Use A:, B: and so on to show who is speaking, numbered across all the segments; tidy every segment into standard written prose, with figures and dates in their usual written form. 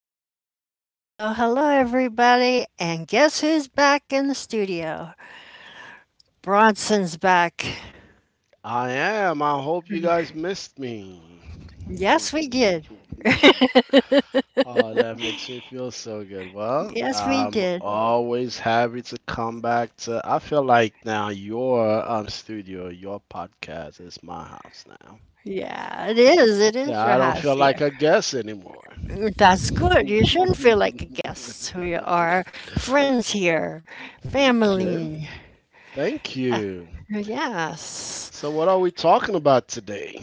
A: Okay.
B: Hello, hello, everybody. And guess who's back in the studio? Bronson's back.
A: I am. I hope you guys missed me.
B: Yes, we did.
A: Oh, that makes me feel so good. Well,
B: Yes, we
A: I'm
B: did.
A: always happy to come back to. I feel like now your studio, your podcast is my house now.
B: Yeah, it is. It
A: Yeah,
B: is your
A: I don't
B: house
A: feel like
B: here.
A: a guest anymore.
B: That's good. You shouldn't feel like a guest. We are friends here,
A: Okay.
B: family.
A: Thank
B: Uh,
A: you.
B: Yes.
A: So, what are we talking about today?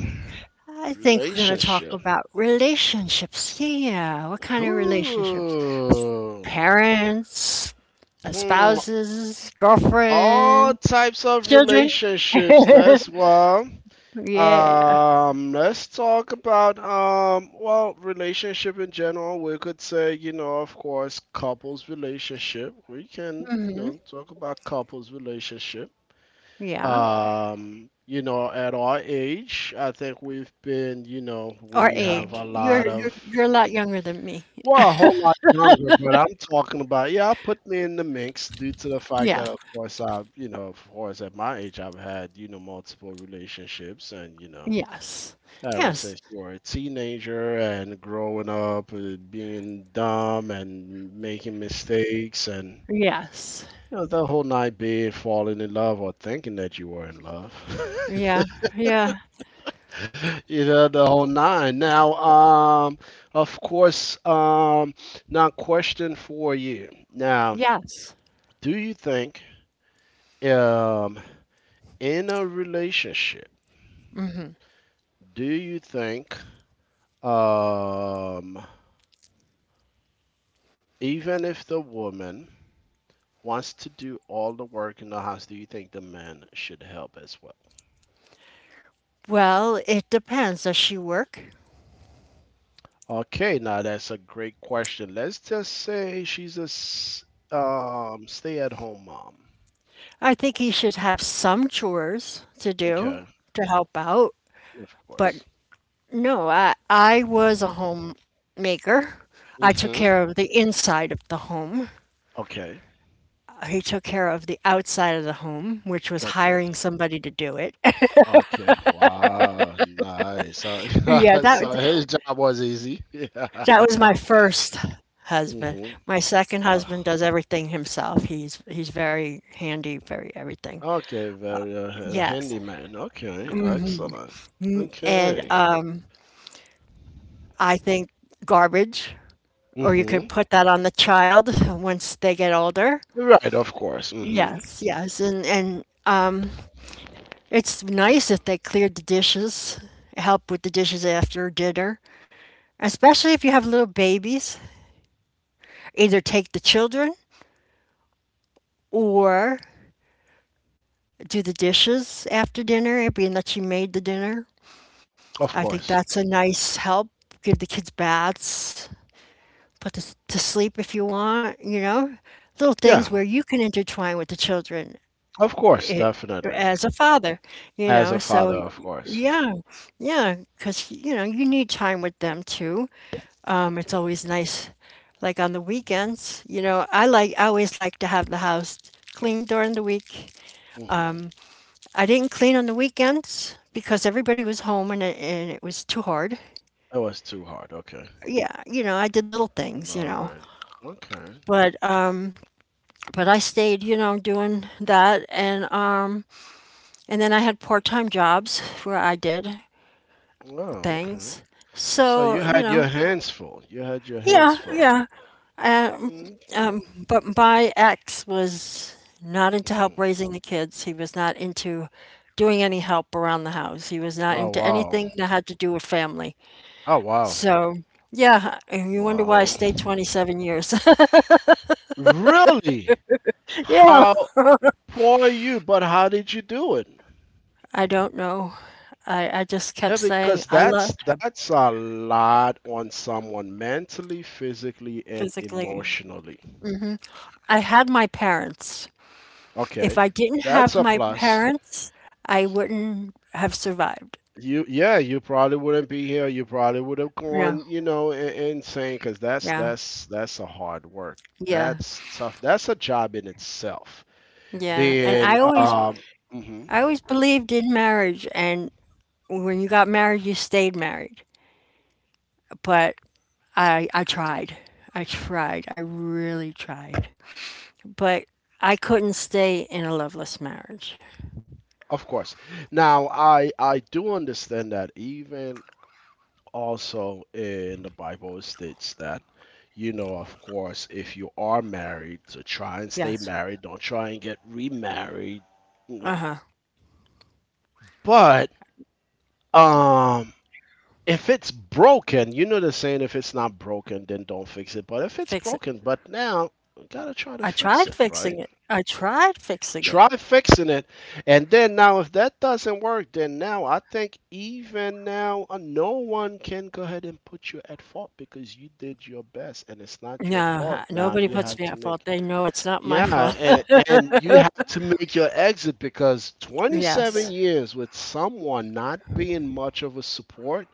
B: I think we're going to talk
A: Relationship.
B: about relationships. Yeah. What kind of relationships?
A: Ooh.
B: Parents,
A: Hmm.
B: spouses,
A: All
B: girlfriend,
A: types of
B: children.
A: relationships.
B: Yeah.
A: Let's talk about Well, relationship in general. We could say, you know, of course, couples relationship. We can, you
B: Mhm.
A: know, talk about couples relationship.
B: Yeah.
A: You know, at our age, I think we've been, you know,
B: Our
A: we have a
B: age. You're
A: lot of.
B: you're you're a lot younger than me.
A: Well, a whole lot younger, but I'm talking about, yeah, I put me in the mix due to the fact
B: Yeah.
A: that, of course, I, you know, of course, at my age, I've had, you know, multiple relationships and, you know,
B: Yes.
A: ever
B: Yes.
A: since you were a teenager and growing up, being dumb and making mistakes and,
B: Yes.
A: you know, the whole night being falling in love or thinking that you were in love.
B: Yeah. Yeah.
A: You know, the whole nine now. Of course Now, question for you now,
B: Yes.
A: do you think, um in a relationship, do you think, um even if the woman wants to do all the work in the house, do you think the man should help as well?
B: Well, it depends. Does she work?
A: Okay, now that's a great question. Let's just say she's a stay at home mom.
B: I think he should have some chores to do
A: Okay.
B: to help out.
A: Of
B: But
A: course.
B: no, I was a homemaker. I took
A: Mm-hmm.
B: care of the inside of the home.
A: Okay.
B: He took care of the outside of the home, which was
A: Okay.
B: hiring somebody to do it.
A: Okay. Wow. Nice. So,
B: Yeah,
A: so
B: that
A: his job was easy.
B: that was my
A: Yeah.
B: first husband.
A: Mm-hmm.
B: My second husband
A: Wow.
B: does everything himself. He's very handy, very everything.
A: Okay. Very
B: Yes.
A: handyman. Okay. Excellent.
B: And
A: Okay.
B: um, I think garbage, or you could
A: Mm-hmm.
B: put that on the child once they get older.
A: You're right. Of course. Mm-hmm.
B: Yes, yes. And it's nice if they cleared the dishes, help with the dishes after dinner, especially if you have little babies. Either take the children or do the dishes after dinner, being that she made the dinner.
A: Of
B: I think
A: course.
B: that's a nice help. Give the kids baths, put them to sleep if you want, you know, little
A: Yeah.
B: things where you can intertwine with the children
A: Of course.
B: i
A: Definitely.
B: as a father, you
A: As a
B: know. So,
A: father, of course.
B: yeah, yeah, because, you need time with them too.
A: Okay.
B: It's always nice, like on the weekends, I always like to have the house clean during the week.
A: Mm-hmm.
B: I didn't clean on the weekends because everybody was home and it was too hard.
A: It was too hard. Okay.
B: Yeah, I did little things, you
A: All
B: know,
A: right. Okay.
B: but but I stayed, you know, doing that, and then I had part time jobs where I did
A: Oh, okay.
B: things.
A: So you
B: So you
A: had your
B: know,
A: hands full. You had your hands
B: yeah,
A: full.
B: yeah. Um,
A: Yeah. Okay.
B: um, but my ex was not into help
A: Hmm.
B: raising the kids. He was not into doing any help around the house. He was not
A: Oh
B: into
A: wow.
B: anything that had to do with family.
A: Oh wow.
B: So, yeah, and you wonder why I
A: Wow.
B: stayed 27 years.
A: Really?
B: Yeah,
A: How poor you, but how did you do it?
B: I don't know. I just kept
A: Yeah,
B: saying
A: because
B: I loved him
A: that's a lot on someone mentally, physically, and
B: physically.
A: emotionally.
B: I had my parents. If
A: Okay.
B: I didn't
A: That's
B: have
A: a
B: my
A: plus.
B: parents, I wouldn't have survived.
A: You yeah, you probably wouldn't be here. You probably would have
B: Yeah,
A: gone, you know, in, insane because
B: yeah,
A: that's a hard work.
B: yeah,
A: That's tough. That's a job in itself. Yeah.
B: yeah. And
A: Being
B: I always,
A: mhm.
B: I always believed in marriage. And when you got married, you stayed married. But I tried. I tried. I really tried. But I couldn't stay in a loveless marriage.
A: Of course. Now, I do understand that even also in the Bible it states that, you know, of course, if you are married, to try and stay
B: Yes.
A: married, don't try and get remarried, you know.
B: Uh huh.
A: But um if it's broken, you know the saying, if it's not broken, then don't fix it. But if it's
B: Fix it.
A: broken, but now we gotta try to
B: I
A: fix
B: tried
A: it, hmm,
B: fixing
A: right?
B: it. I tried fixing it.
A: Try fixing it. And then now, if that doesn't work, then now I think even now, no one can go ahead and put you at fault because you did your best and it's not your, yeah,
B: No,
A: fault. Now
B: nobody
A: you, no,
B: puts
A: have
B: me
A: to
B: at fault.
A: make,
B: They know it's not my
A: yeah,
B: fault.
A: and you have to make your exit because 27,
B: Yes.
A: yeah, years with someone not being much of a support.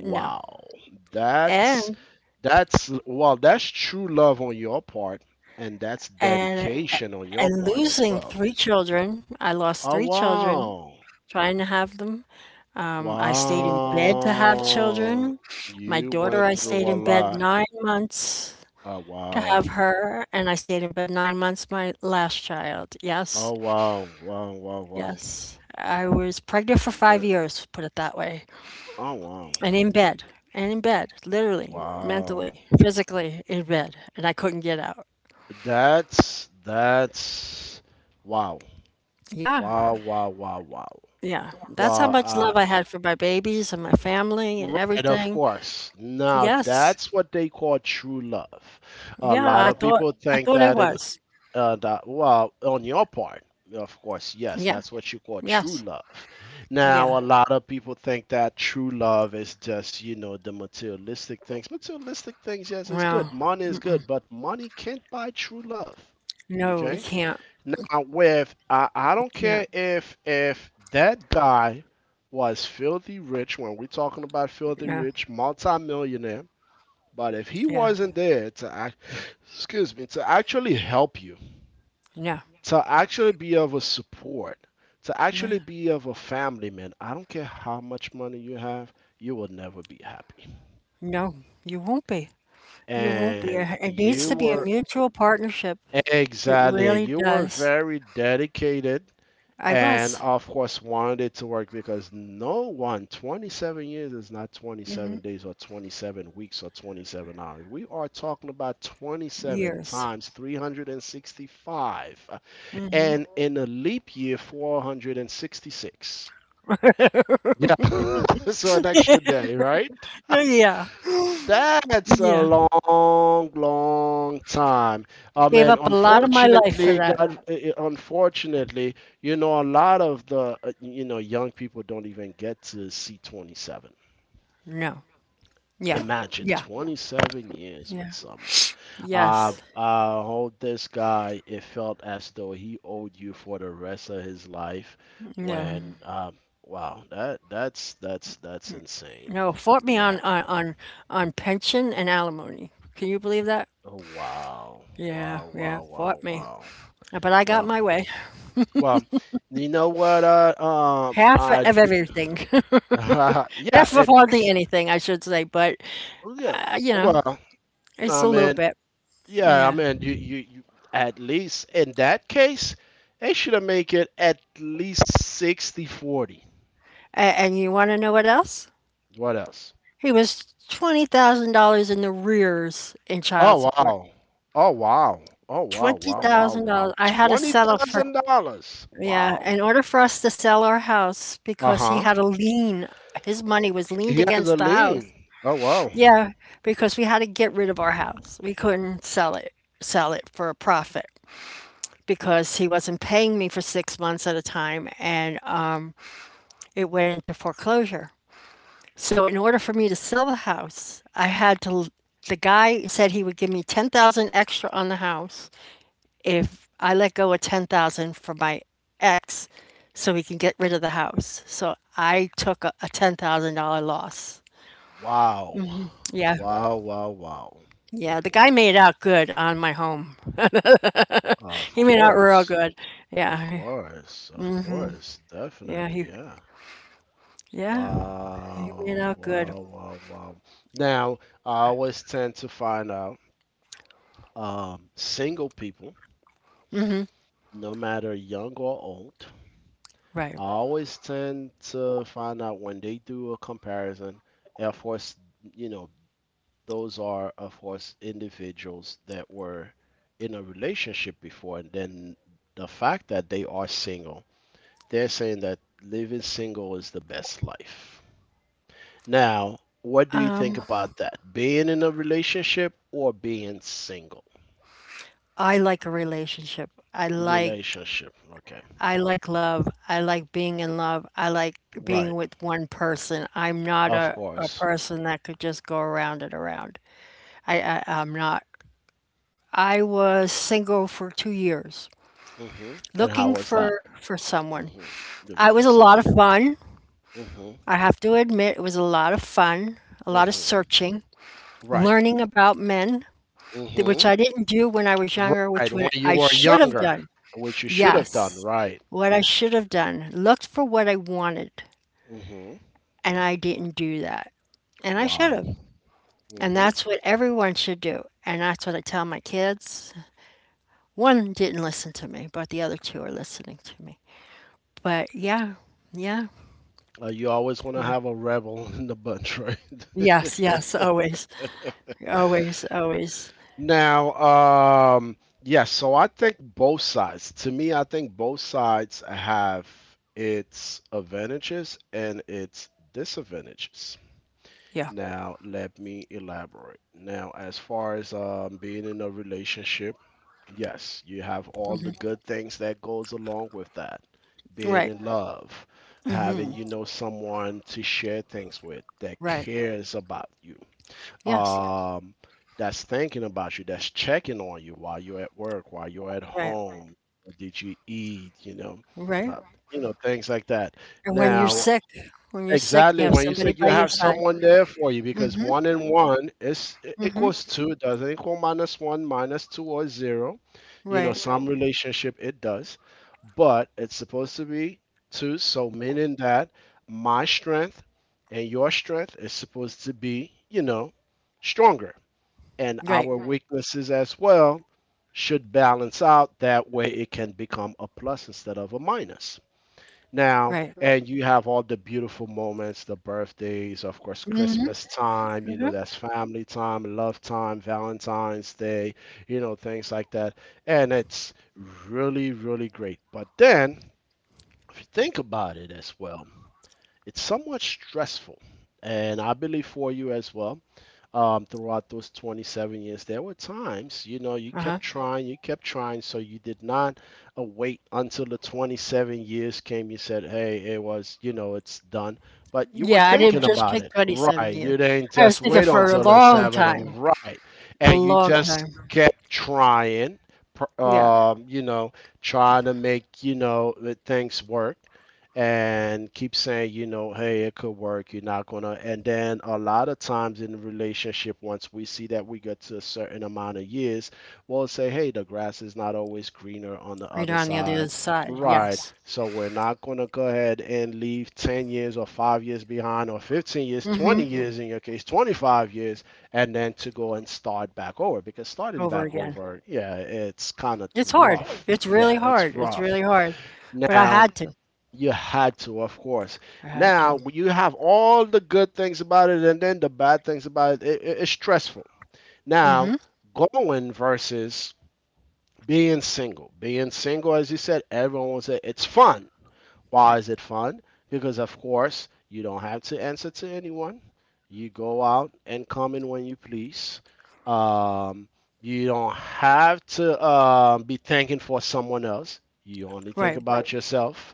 B: No.
A: That's
B: And
A: that's well, that's true love on your part and that's
B: and
A: dedication on your
B: and
A: part as
B: losing
A: well.
B: three children. I lost
A: Oh
B: three children
A: wow.
B: trying to have them. I stayed in bed to have
A: Wow.
B: children. My
A: You
B: daughter,
A: went
B: I
A: through
B: stayed
A: a
B: in bed
A: lot.
B: 9 months
A: Oh
B: to have
A: wow.
B: her, and I stayed in bed 9 months my last child.
A: Oh
B: Yes.
A: wow. Wow, wow, wow.
B: Yes, I was pregnant for five
A: That-
B: years, put it that way,
A: oh wow.
B: and in bed, literally,
A: Wow.
B: mentally, physically in bed, and I couldn't get out.
A: That's wow.
B: Yeah,
A: Wow, wow, wow, wow.
B: yeah. That's how
A: Wow,
B: much
A: I.
B: love I had for my babies and my family and
A: Right, of
B: everything.
A: course. Now
B: Yes,
A: that's what they call true love. A
B: yeah.
A: lot
B: I
A: of
B: thought
A: people
B: I
A: think
B: thought I
A: that in
B: was.
A: that well, on your part, of course, yes,
B: Yeah.
A: that's what you call true
B: Yes.
A: love.
B: Yeah.
A: Now, a lot of people think that true love is just you know the materialistic things. Materialistic things, yes, is
B: Well,
A: good. Money is good, but money can't buy true love.
B: no, it
A: Okay,
B: can't.
A: now with I
B: It
A: don't
B: can't.
A: care if that guy was filthy rich when we're talking about filthy
B: No.
A: rich, multimillionaire, but if he
B: Yeah.
A: wasn't there to act, excuse me, to actually help you,
B: No.
A: to actually be of a support, to
B: No.
A: actually be of a family man, I don't care how much money you have, you will never be happy.
B: No. You won't be. You won't be.
A: And
B: It needs
A: you
B: to be a
A: were,
B: mutual partnership. It
A: exactly,
B: really
A: you were
B: does.
A: very dedicated.
B: I
A: And
B: was
A: of course, wanted to work because no one, 27 years is not 27 days or 27 weeks or 27 hours. We are talking about 27
B: years.
A: times 365, and in a leap year, 466. Yeah. So, an extra day, right?
B: No, yeah,
A: That's a
B: yeah.
A: long, long time. I
B: Gave
A: mean,
B: up a lot of my life for
A: unfortunately,
B: that.
A: God, unfortunately, you know, a lot of the, you know, young people don't even get to see 27.
B: No. Yeah.
A: Imagine
B: Yeah.
A: 27 years with
B: Yeah.
A: someone.
B: Yes.
A: Hold this guy, it felt as though he owed you for the rest of his life
B: No.
A: when, wow, that that's that's insane.
B: No. Fought me
A: Now,
B: on pension and alimony. Can you believe that?
A: oh, wow.
B: Yeah.
A: Wow,
B: Yeah.
A: wow, wow,
B: Fought me.
A: wow.
B: But I got
A: Well,
B: my way.
A: well, you know what? Um,
B: Half
A: I
B: of
A: d-
B: everything.
A: yeah,
B: Half of
A: it,
B: hardly anything, I should say. But
A: yeah.
B: uh, you know,
A: Well,
B: it's
A: I
B: a little
A: mean,
B: bit.
A: yeah, I
B: Yeah.
A: mean, you, at least in that case, they should have make it at least 60-40.
B: And you want to know what else?
A: What else?
B: He was $20,000 in the rears in child
A: Oh,
B: support.
A: wow. Oh, wow. Oh, wow, wow, wow, wow.
B: $20,000. I had to settle for,
A: $20,000.
B: yeah,
A: Wow.
B: in order for us to sell our house because he
A: Uh-huh.
B: had a lien. His money was leaned
A: He has a
B: against the house.
A: lien. Oh, wow.
B: Yeah, because we had to get rid of our house. We couldn't sell it for a profit because he wasn't paying me for 6 months at a time and it went into foreclosure. So in order for me to sell the house, I had to the guy said he would give me 10,000 extra on the house if I let go of 10,000 for my ex so he can get rid of the house. So I took a $10,000 loss.
A: Wow.
B: Yeah.
A: Wow, wow, wow.
B: Yeah, the guy made out good on my home.
A: Of
B: He made out real
A: course.
B: good.
A: Of
B: Yeah.
A: course. Of course.
B: Yeah,
A: Definitely,
B: he
A: yeah.
B: yeah, he made
A: Wow.
B: out good.
A: Wow, wow, wow. Now, I always tend to find out single people, no matter young or old,
B: Right.
A: I always tend to find out when they do a comparison, Air Force, you know, those are of course individuals that were in a relationship before and then the fact that they are single, they're saying that living single is the best life. Now, what do you think
B: Um
A: about that, being in a relationship or being single?
B: I like a relationship. I like
A: Relationship, okay.
B: I like love. I like being in love. I like being
A: Right.
B: with one person. I'm not
A: Of
B: a
A: course.
B: person that could just go around and around. I'm not. I was single for 2 years,
A: Hmm, and how
B: looking
A: was that?
B: for someone.
A: Hmm. Looking
B: I
A: for
B: was a lot of
A: someone.
B: fun.
A: Hmm.
B: I have to admit, it was a lot of fun. A lot of
A: Hmm.
B: searching,
A: Right.
B: learning about men, which
A: Hmm.
B: I didn't do when I was younger, which
A: Right,
B: when
A: when you
B: I
A: were
B: should have
A: younger,
B: done.
A: which you should have done,
B: Yes,
A: right?
B: what I should have done. Looked for what I wanted.
A: Hmm.
B: And I didn't do that. And I should
A: Wow.
B: have. And
A: Hmm.
B: that's what everyone should do. And that's what I tell my kids. One didn't listen to me, but the other two are listening to me. But yeah, yeah,
A: You always want to
B: yeah.
A: have a rebel in the bunch, right?
B: Yes, yes, always, always, always.
A: Now, yes, so I think both sides, to me, I think both sides have its advantages and its disadvantages.
B: Yeah,
A: Now, let me elaborate. Now, as far as being in a relationship, yes, you have all the good things that goes along with that. Being
B: right,
A: in love, having you know someone to share things with that
B: right.
A: cares about you.
B: Yes,
A: Um that's thinking about you, that's checking on you while you're at work, while you're at
B: right,
A: home. What did you eat, you know?
B: right.
A: Uh, you know, things like that.
B: And when you're
A: Now,
B: sick, when you're sick, you
A: exactly.
B: have
A: When you
B: somebody
A: say you
B: by your
A: have
B: side.
A: someone there for you,
B: Mm
A: because
B: hmm,
A: one and one is it
B: mm hmm.
A: equals two, it doesn't equal minus one, minus two, or zero. You know,
B: Right,
A: some, right, relationship it does, but it's supposed to be two. So meaning that my strength and your strength is supposed to be, you know, stronger, and
B: right,
A: our, right, weaknesses as well should balance out. That way, it can become a plus instead of a minus now,
B: right.
A: right, and you have all the beautiful moments, the birthdays, of course,
B: Mm hmm,
A: Christmas time,
B: mm
A: you know,
B: hmm.
A: that's family time, love time, Valentine's Day, you know, things like that, and it's really really great. But then, if you think about it as well, it's somewhat stressful, and I believe for you as well, throughout those 27 years. There were times, you know,
B: Uh huh.
A: you kept trying, so you did not wait until the 27 years came. You said, hey, it was, you know, it's done. But you were,
B: Yeah, I
A: yeah,
B: didn't
A: thinking
B: just
A: about
B: pick
A: it,
B: 27
A: right?
B: years.
A: You didn't
B: I was
A: just
B: thinking
A: wait
B: for a
A: until the
B: long
A: Sabbath, and
B: time,
A: right?
B: a
A: And you, exactly,
B: long
A: just
B: time.
A: kept trying,
B: Yeah,
A: you know, trying to make, you know, the things work and keep saying, you know, hey, it could work. You're not gonna. And then a lot of times in the relationship, once we see that we get to a certain amount of years, we'll say, hey, the grass is not always greener on the
B: read
A: other
B: on the other
A: side,
B: side.
A: right?
B: Yes.
A: So we're not gonna go ahead and leave 10 years or 5 years behind, or 15 years, 20
B: Hmm.
A: years in your case, 25 years, and then to go and start back over because starting
B: Over
A: back
B: again.
A: over, yeah, it's kind of
B: It's hard.
A: rough.
B: It's really
A: Yeah, it's
B: hard. It's
A: rough.
B: really hard. But I
A: Now,
B: had to.
A: you had to, of course.
B: I had to.
A: Now you have all the good things about it, and then the bad things about it. It, it's stressful. Now
B: Hmm.
A: going versus being single. Being single, as you said, everyone will say it's fun. Why
B: Right.
A: is it fun? Because, of course, you don't have to answer to anyone. You go out and come in when you please. Um, you don't have to be thinking for someone else. You only think,
B: Right.
A: right, about yourself.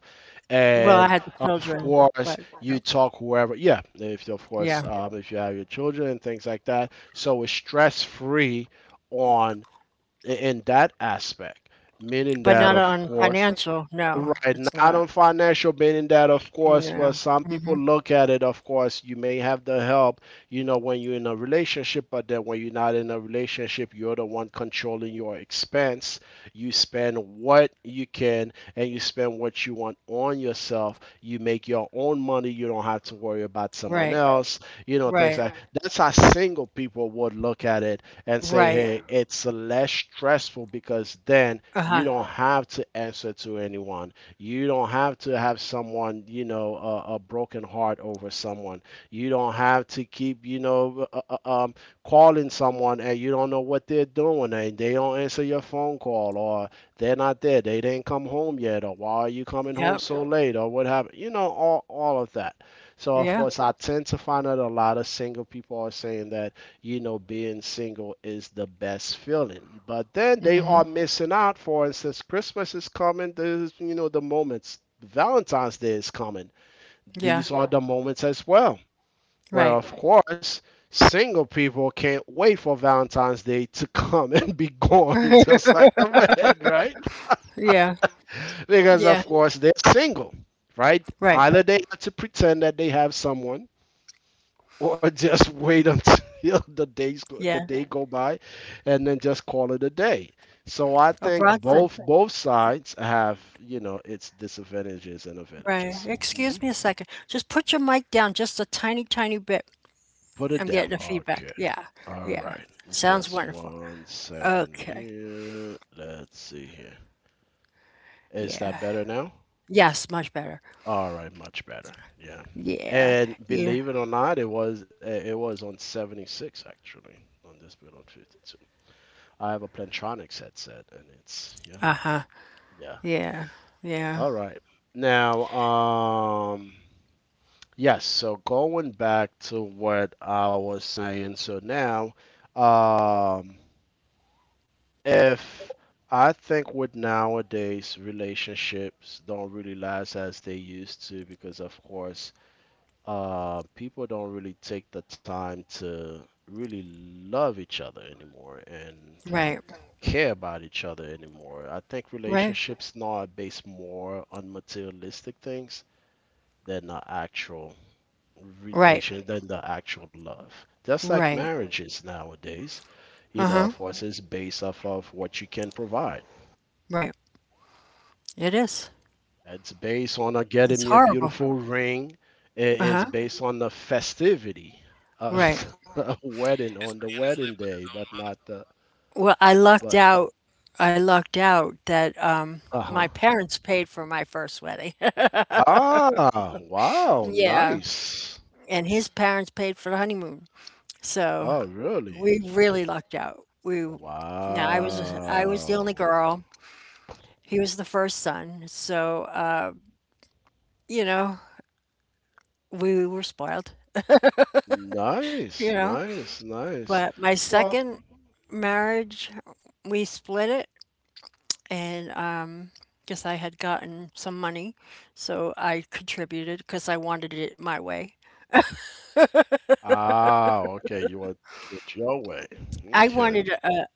B: Well, I
A: And
B: had the
A: of
B: children, but
A: course,
B: uh,
A: you talk whoever. Yeah, if of
B: yeah,
A: course, yeah, if you have your children and things like that. So it's stress free on in that aspect, meaning
B: but
A: that,
B: not
A: of
B: on
A: course,
B: financial. No,
A: right,
B: it's
A: not
B: not.
A: on financial, meaning that, of course,
B: No.
A: well, some people
B: Hmm.
A: look at it, of course, you may have the help, when you're in a relationship, but then when you're not in a relationship, you're the one controlling your expense. You spend what you can and you spend what you want on yourself. You make your own money. You don't have to worry about someone, right,
B: Right.
A: else, you know, things
B: Right.
A: like right. That's how single people would look at it and say,
B: Right.
A: hey, it's less stressful because then
B: Uh-huh.
A: you don't have to answer to anyone. You don't have to have someone, a broken heart over someone. You don't have to keep, calling someone and you don't know what they're doing and they don't answer your phone call, or they're not there. They didn't come home yet, or why are you coming
B: Yep.
A: home so late, or what happened? You know, all of that. So, of
B: Yeah.
A: course, I tend to find out a lot of single people are saying that you know, being single is the best feeling. But then they
B: hmm
A: are missing out. For instance, Christmas is coming. There's, you know, the moments. Valentine's Day is coming.
B: Yeah.
A: These are the moments as well. Where,
B: Right.
A: of course, single people can't wait for Valentine's Day to come and be gone, just like the wedding, right?
B: Yeah.
A: Because,
B: Yeah,
A: of course, they're single, right?
B: right.
A: Either they have to pretend that they have someone, or just wait until the days go, the
B: Yeah.
A: day go by and then just call it a day. So I
B: Or
A: think
B: Bronson.
A: both sides have, you know, its disadvantages and
B: Right.
A: advantages. Hmm,
B: Excuse me a second. Just put your mic down just a tiny, tiny bit.
A: put it
B: I'm
A: down,
B: getting a
A: okay.
B: feedback. Yeah.
A: All right,
B: Yeah. Sounds
A: just
B: wonderful.
A: one second
B: Okay.
A: here, let's see here. Is that
B: Yeah.
A: better now?
B: Yes, much better.
A: All right, much better, yeah.
B: Yeah.
A: And
B: Yeah.
A: believe it or not, it was it was on 76, actually, on this bit, on 52. I have a Plantronics headset, and it's yeah,
B: Uh-huh.
A: yeah.
B: Yeah. Yeah.
A: All right. Now, yes. So going back to what I was saying. So now, um, if I think with nowadays relationships don't really last as they used to because of course, people don't really take the time to really love each other anymore and
B: Right.
A: care about each other anymore. I think
B: Right.
A: relationships now are based more on materialistic things than the actual
B: Right.
A: love. Just like
B: Right.
A: marriages nowadays, you know,
B: Uh-huh.
A: of course, it's based off of what you can provide.
B: Right. It is.
A: It's based on getting
B: It's
A: me a
B: horrible.
A: beautiful ring. I- It's
B: Uh-huh.
A: based on the festivity of
B: Right.
A: the wedding on the wedding day, but not the
B: Well, I
A: but
B: lucked out. I lucked out that
A: uh
B: my
A: huh.
B: parents paid for my first wedding.
A: Ah, wow,
B: Yeah,
A: nice.
B: and his parents paid for the honeymoon. So
A: Oh, really?
B: we really lucked out. Now I was the only
A: Wow.
B: girl. He was the first son, so you know we were spoiled. You
A: Nice,
B: know,
A: nice, nice.
B: but my
A: Well,
B: second marriage, we split it, and guess I had gotten some money, so I contributed because I wanted it my way.
A: ah, okay, you want to do it your way.
B: I wanted
A: Okay.
B: a,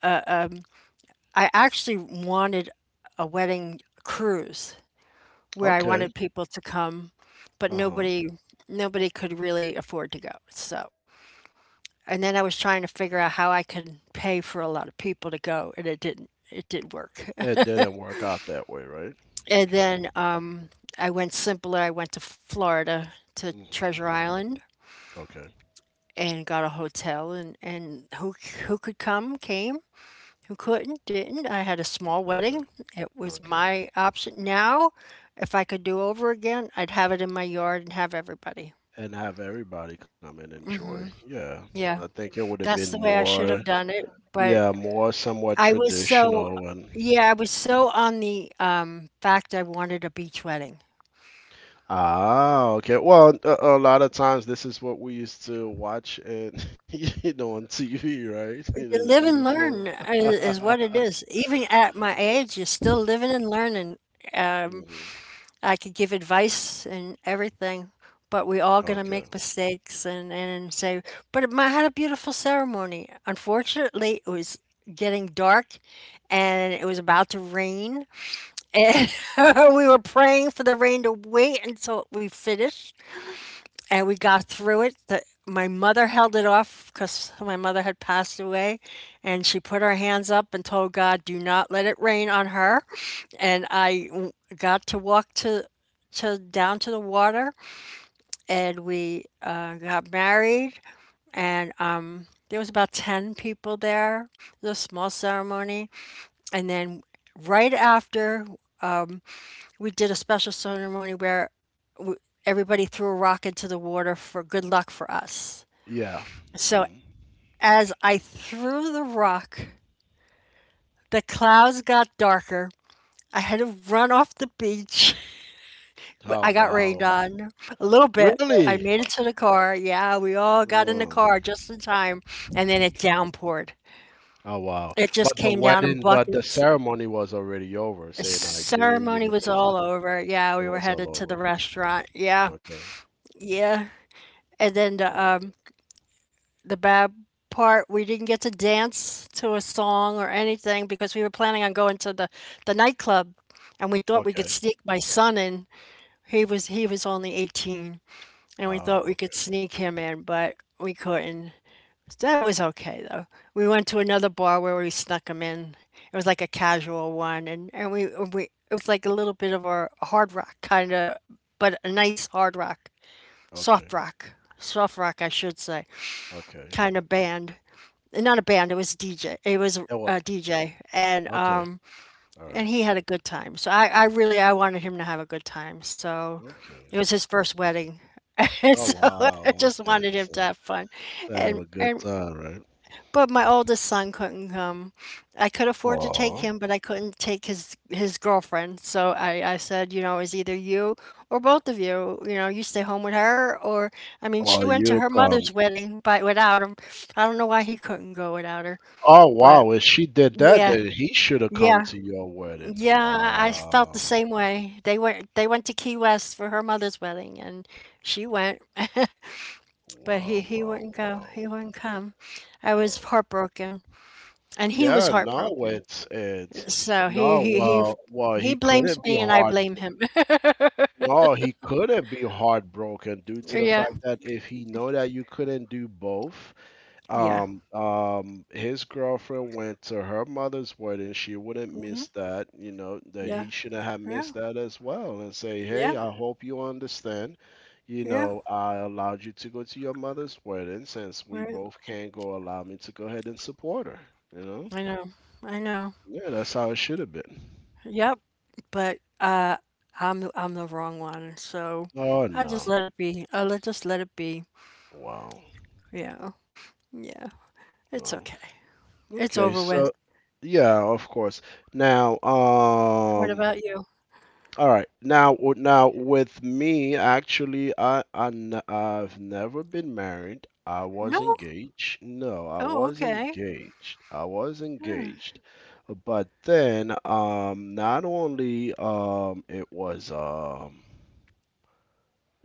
B: I actually wanted a wedding cruise where I wanted
A: Okay.
B: people to come, but nobody
A: Uh-huh.
B: nobody could really afford to go. So, and then I was trying to figure out how I could pay for a lot of people to go, and it did not work.
A: It didn't work out that way, right?
B: and
A: Okay.
B: then um, I went simpler. I went to Florida to Treasure
A: Mm-hmm.
B: Island
A: Okay.
B: and got a hotel, and who could come came. Who couldn't, didn't. I had a small wedding.
A: Didn't.
B: It was
A: Okay.
B: my option. Now, if I could do over again, I'd have it in my yard and have everybody.
A: And have everybody come and enjoy. Yeah. I
B: Yeah.
A: think it would have been
B: That's the way I should
A: more,
B: have done it, but
A: yeah, more somewhat
B: I was so,
A: traditional and
B: yeah, I was so on the fact I wanted a beach wedding.
A: ah, okay. Well, a lot of times this is what we used to watch and you know on TV, right? You know, the
B: You live and learn
A: beautiful.
B: is what it is. Even at my age, you're still living and learning. Um,
A: Mhm.
B: I could give advice and everything, but we all gonna
A: Okay.
B: make mistakes and say. I had a beautiful ceremony. Unfortunately, it was getting dark and it was about to rain. And
A: Hmm.
B: we were praying for the rain to wait until we finished, and we got through it. My mother held it off because my mother had passed away, and she put her hands up and told God, "Do not let it rain on her." And I got to walk to down to the water, and we got married, and there was about 10 people there. It was a small ceremony, and then right after we did a special ceremony where everybody threw a rock into the water for good luck for us.
A: Yeah.
B: So
A: Hmm.
B: as I threw the rock, the clouds got darker. I had to run off the beach.
A: Oh
B: I got rained
A: wow.
B: on a little bit. I
A: Really?
B: made it to the car. Yeah, we all got in the
A: Oh.
B: car just in time. And then it downpoured.
A: Oh, wow.
B: It just
A: But the
B: came down in
A: wedding, but the
B: buckets.
A: ceremony was already over.
B: The
A: Saying I do, you
B: ceremony
A: know,
B: was
A: things. Like-
B: all over. Yeah,
A: it
B: we were
A: was all
B: headed to the
A: over.
B: restaurant. Yeah,
A: Okay.
B: yeah. And then
A: All right.
B: the bad part, we didn't get to dance to a song or anything because we were planning on going to the nightclub, and we thought we could
A: Okay.
B: sneak my son in. He was only 18, and we
A: Oh,
B: thought we could
A: okay.
B: sneak him in, but we couldn't. That was okay though. We went to another bar where we snuck him in. It was like a casual one, and we it was like a little bit of a hard rock kind of, but a nice hard rock. soft
A: Okay.
B: rock soft rock I should say,
A: Okay.
B: kind of band. Not a band, it was DJ. It was
A: It was,
B: a DJ and
A: okay. All right.
B: he had a good time. So I really I wanted him to have a good time. So it
A: Okay.
B: was his first wedding. And
A: Oh
B: so I
A: wow.
B: just
A: Okay.
B: wanted him to
A: So
B: have fun.
A: to have a
B: And
A: good
B: and
A: time, right?
B: but my oldest son couldn't come. I could afford to take him,
A: Oh.
B: but I couldn't take his girlfriend. So I said, you know, it's either you or both of you. You know, you stay home with her, or I mean, she
A: Or
B: went to
A: you
B: her
A: come.
B: mother's wedding by without him. I don't know why he couldn't go without her,
A: Oh
B: but
A: wow. If she did that,
B: yeah.
A: then he should have
B: Yeah,
A: come to your wedding.
B: yeah, I felt the
A: Wow.
B: same way. They went to Key West for her mother's wedding
A: Wow.
B: and she went, but he
A: Wow.
B: he
A: Wow.
B: wouldn't go.
A: Wow.
B: He wouldn't come. I was
A: Wow.
B: heartbroken and he was
A: Yeah. No,
B: heartbroken.
A: it's
B: So he
A: no.
B: he he
A: Well, well,
B: he
A: he
B: blames
A: couldn't be
B: me and I
A: hard.
B: blame him.
A: No, he couldn't be heartbroken due to the
B: Yeah.
A: fact that if he know that you couldn't do both.
B: Yeah.
A: His girlfriend went to her mother's wedding. She wouldn't
B: Hmm.
A: miss that, you know, that
B: Yeah.
A: he shouldn't have
B: Yeah.
A: missed that as well and say,
B: Yeah.
A: "Hey, I hope you understand. You
B: Yeah.
A: know, I allowed you to go to your mother's wedding since we
B: Right.
A: both can't go. Allow me to go ahead and support her." You know?
B: I know. I know.
A: Yeah, that's how it should have been.
B: Yep. But I'm the wrong one, so
A: Oh
B: I just
A: no.
B: let it be. I let Just let it be.
A: Wow.
B: Yeah. Yeah. It's
A: Wow.
B: okay. It's
A: Okay,
B: over
A: so
B: with.
A: yeah, of course. Now,
B: What about you?
A: all right. Now, now with me, actually, I've never been married. I was
B: No.
A: engaged. No, I
B: Oh,
A: was
B: okay.
A: engaged. I was
B: Hmm.
A: engaged. But then, not only it was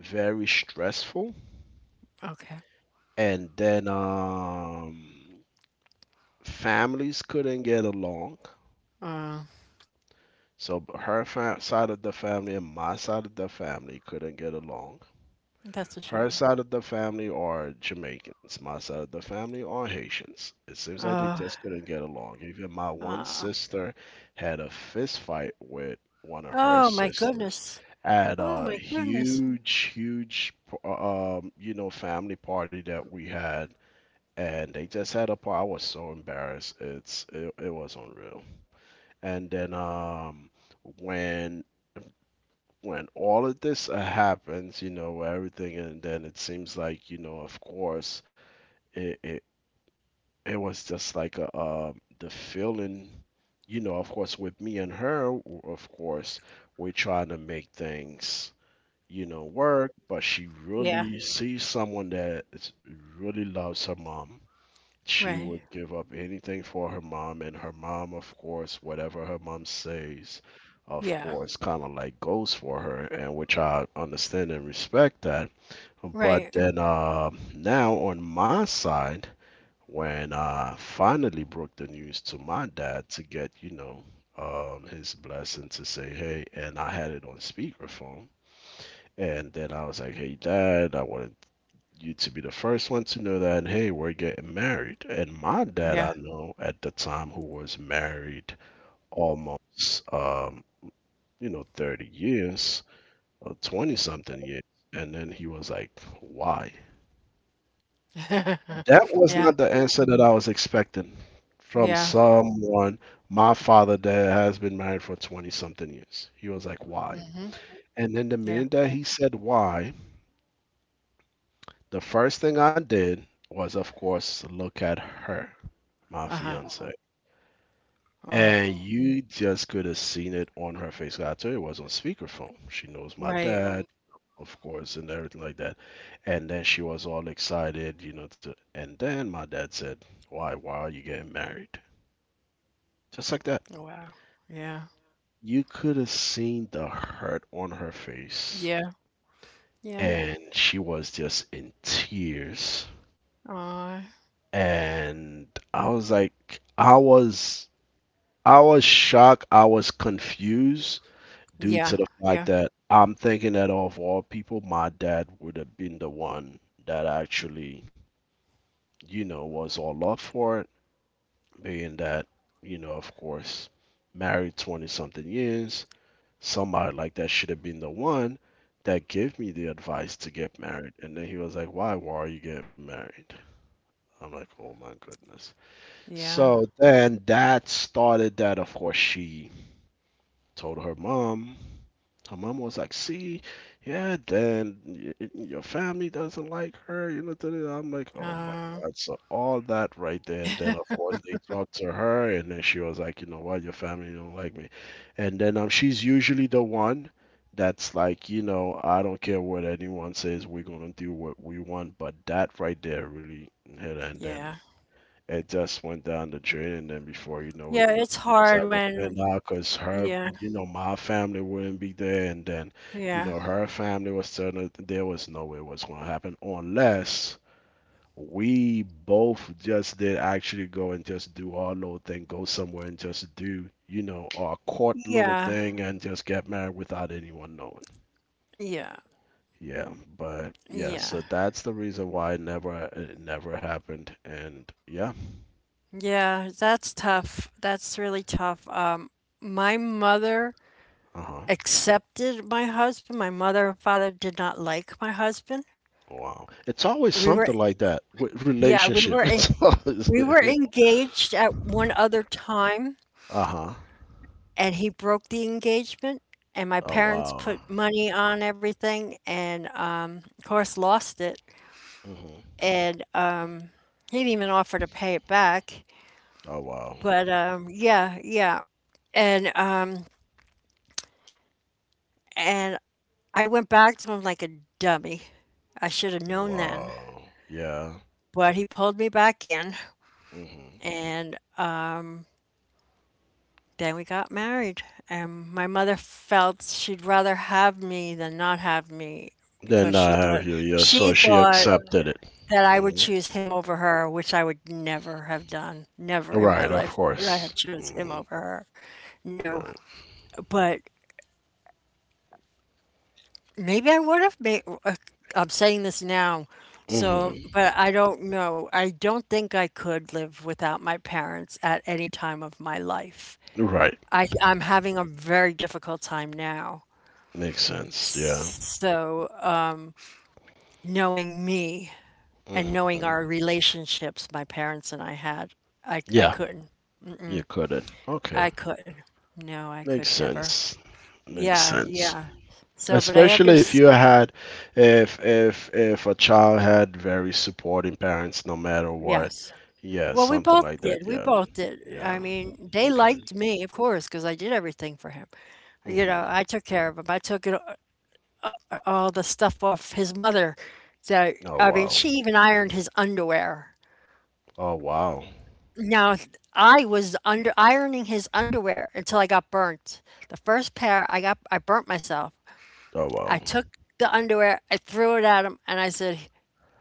A: very stressful,
B: Okay.
A: and then families couldn't get along.
B: Uh,
A: So her side of the family and my side of the family couldn't get along.
B: that's a
A: Her
B: shame.
A: side of the family are Jamaicans. My side of the family are Haitians. It seems like they
B: Oh,
A: just couldn't get along. Even my one
B: uh,
A: sister had a fist fight with one of her
B: oh my
A: sisters
B: goodness.
A: at
B: Oh
A: a
B: my goodness.
A: huge, huge, you know, family party that we had, and they just had a part. I was so embarrassed. It was unreal. And then when when all of this happens, you know, where everything, and then it seems like, you know, of course, it it, it was just like a, the feeling, you know, of course, with me and her, of course, we're trying to make things, you know, work, but she
B: Yeah,
A: really sees someone that is- really loves her mom, she
B: right.
A: would give up anything for her mom, and her mom, of course, whatever her mom says, of
B: Yeah,
A: course, kind of like goes for her, and which I understand and respect that. But
B: right.
A: then now on my side, when I finally broke the news to my dad to get, you know, his blessing to say, hey, and I had it on speakerphone. And then I was like, hey, dad, I want you to be the first one to know that, hey, we're getting married. And my dad,
B: Yeah.
A: I know at the time, who was married almost, um, you know, 30 years or 20 something years. And then he was like, why? That was not
B: Yeah,
A: the answer that I was expecting from
B: yeah.
A: someone, my father, that has been married for 20 something years. He was like, why?
B: Mhm.
A: And then the
B: Yeah.
A: minute that he said why, the first thing I did was, of course, look at her, my
B: Uh-huh.
A: fiance.
B: Oh,
A: And you just could have seen it on her face. I told you it was on speakerphone. She knows my
B: right.
A: dad, of course, and everything like that. And then she was all excited, you know, to, and then my dad said, why are you getting married? Just like that.
B: Wow. Yeah.
A: You could have seen the hurt on her face,
B: Yeah. Yeah.
A: and she was just in tears.
B: Uh.
A: And I was like, I was I was shocked. I was confused due
B: Yeah.
A: to the
B: Yeah.
A: fact that I'm thinking that of all people, my dad would have been the one that actually, you know, was all up for it, being that, you know, of course, married 20 something years, somebody like that should have been the one that gave me the advice to get married. And then he was like, why are you getting married? I'm like, oh my goodness.
B: Yeah.
A: So then that started that, of course, she told her mom. Her mama was like, "See, yeah, then your family doesn't like her. You know, da, da, da." I'm like, "Oh my
B: Uh,
A: God!" So all that right there, and then of course they talked to her, and then she was like, "You know what? Your family don't like me," and then she's usually the one that's like, you know, I don't care what anyone says, we're gonna do what we want, but that right there really hit her, and
B: yeah.
A: then it just went down the drain, and then before you know it,
B: Yeah, it's
A: nothing was
B: hard
A: ever
B: when
A: planned out because her,
B: yeah,
A: you know, my family wouldn't be there, and then, you
B: yeah.
A: know, her family was certain that there was no way it was going to happen unless we both just did actually go and just do our little thing, go somewhere and just do, you know, our court little
B: Yeah.
A: thing and just get married without anyone knowing.
B: Yeah.
A: Yeah, but yeah,
B: Yeah.
A: so that's the reason why it never happened, and yeah,
B: Yeah, that's tough. That's really tough. My mother
A: uh huh.
B: accepted my husband. My mother and father did not like my husband.
A: Wow. It's always
B: We were,
A: something like that with
B: yeah,
A: relationship. It's always.
B: we were engaged at one other time,
A: Uh-huh.
B: and he broke the engagement. And my
A: Oh
B: parents
A: wow.
B: put money on everything, and of course lost it.
A: Hmm.
B: And he didn't even offer to pay it back.
A: Oh wow.
B: But yeah, yeah, and um, and I went back to him like a dummy. I should have known then.
A: Wow. Yeah.
B: But he pulled me back in
A: Hmm.
B: and then we got married. And my mother felt she'd rather have me than not have me because
A: Then
B: she
A: I have
B: thought
A: you. Yeah.
B: she
A: So she
B: thought
A: accepted it.
B: that I would
A: Hmm.
B: choose him over her, which I would never have done. Never in my
A: Right. Of
B: life would I
A: course.
B: have chose him
A: Hmm.
B: over her. No,
A: Right.
B: but maybe I would have made. I'm saying this now, so
A: Hmm.
B: but I don't know. I don't think I could live without my parents at any time of my life.
A: Right.
B: I'm having a very difficult time now.
A: Makes sense. Yeah.
B: So, knowing me and
A: Hmm.
B: knowing our relationships my parents and I had, I
A: Yeah.
B: couldn't.
A: You couldn't. Okay.
B: I couldn't. No, I
A: Makes
B: could never.
A: sense. Makes
B: Yeah,
A: sense.
B: yeah. So, but I
A: Especially if you
B: understand.
A: had, if a child had very supporting parents, no matter what.
B: Yes.
A: Yeah,
B: Well, we
A: something
B: both
A: like
B: did.
A: that.
B: We
A: Yeah,
B: both did. I
A: yeah.
B: mean, they
A: Okay.
B: liked me, of course, because I did everything for him. You know,
A: Mhm.
B: I took care of him. All the stuff off his mother. So,
A: Oh
B: I mean,
A: wow.
B: she even ironed his underwear.
A: Oh wow.
B: Now, I was under ironing his underwear until I got burnt. The first pair I got, I burnt myself.
A: Oh
B: I
A: wow.
B: took the underwear, I threw it at him, and I said,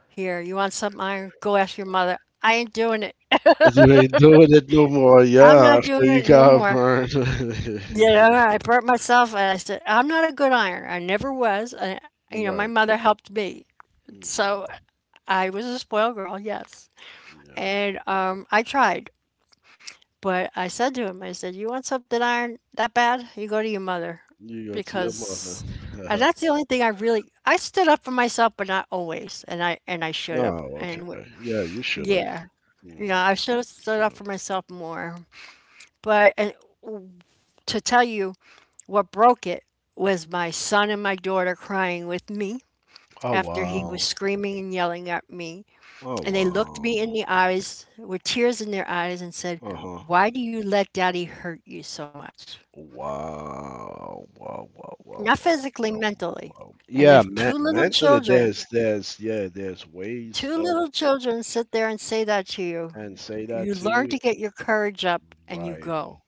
B: "Here, you want some iron? Go ask your mother. I ain't doing it.
A: But you ain't doing it no more.
B: I'm
A: Yeah,
B: not
A: after
B: doing
A: you
B: it no
A: got
B: more."
A: burned.
B: You know, I burnt myself, and I said, "I'm not a good ironer. I never was." And you know, my
A: Right.
B: mother helped me, so
A: Hmm.
B: I was a spoiled girl, yes.
A: Yeah.
B: And I tried. But I said to him, I said, "You want something ironed that bad? You go to your mother."
A: You go to your mother.
B: Because and that's the only thing I really I stood up for myself, but not always. And I should
A: No,
B: have.
A: okay. Yeah, you should have.
B: Yeah, you
A: Mm,
B: know, I should have
A: should
B: stood up
A: have.
B: for myself more. But and to tell you what broke it was my son and my daughter crying with me
A: Oh
B: after he was
A: wow.
B: screaming and yelling at me.
A: Oh
B: And they looked me in
A: wow.
B: the eyes with tears in their eyes and said,
A: Uh-huh.
B: "Why do you let daddy hurt you so much?"
A: Wow. Wow, wow, wow,
B: Not
A: wow,
B: physically,
A: wow,
B: mentally.
A: wow.
B: And
A: Yeah,
B: if two
A: man,
B: little
A: man
B: children,
A: there's ways
B: two
A: of
B: little children sit there and say that to you,
A: and say that
B: you
A: to
B: learn
A: you.
B: to get your courage up and you
A: Right.
B: go.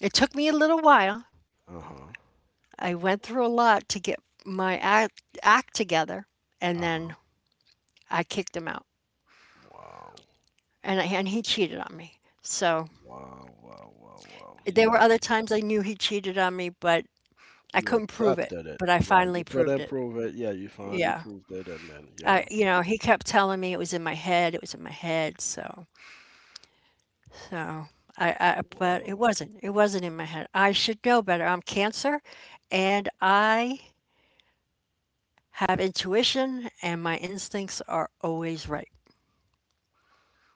B: It took me a little while.
A: Uh-huh.
B: I went through a lot to get my act together, and
A: Uh-huh.
B: then I kicked him out.
A: Wow.
B: And he cheated on me. So
A: Wow, wow, wow, wow.
B: there were
A: Yeah.
B: other times I knew he cheated on me, but I
A: You
B: couldn't prove it.
A: adapted it.
B: But I
A: Right.
B: finally
A: You could
B: proved it.
A: improve it. Yeah, you finally
B: Yeah.
A: proved it and then yeah.
B: You know, he kept telling me it was in my head, it was in my head. So I but it
A: Wow.
B: wasn't. It wasn't in my head. I should know better. I'm Cancer and I have intuition and my instincts are always right.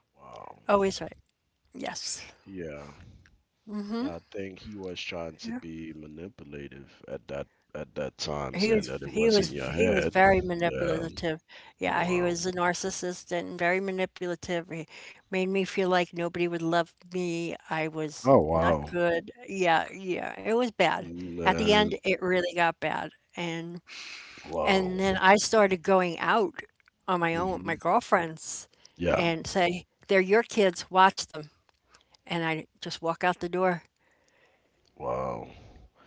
A: Wow.
B: Always right. Yes.
A: Yeah. I think he was trying to
B: Yeah.
A: be manipulative at that time,
B: He
A: saying
B: was
A: that it
B: he
A: was in
B: was
A: your
B: he was
A: head.
B: very
A: Yeah.
B: manipulative. Yeah, he
A: Wow.
B: was a narcissist and very manipulative. He made me feel like nobody would love me. I was
A: Oh
B: not
A: wow.
B: good. Yeah, yeah. It was bad. At the
A: Man.
B: end it really got bad. And
A: Wow.
B: And then I started going out on my own with my
A: Hmm.
B: girlfriends
A: Yeah.
B: and say, they're your kids, watch them. And I just walk out the door.
A: Wow.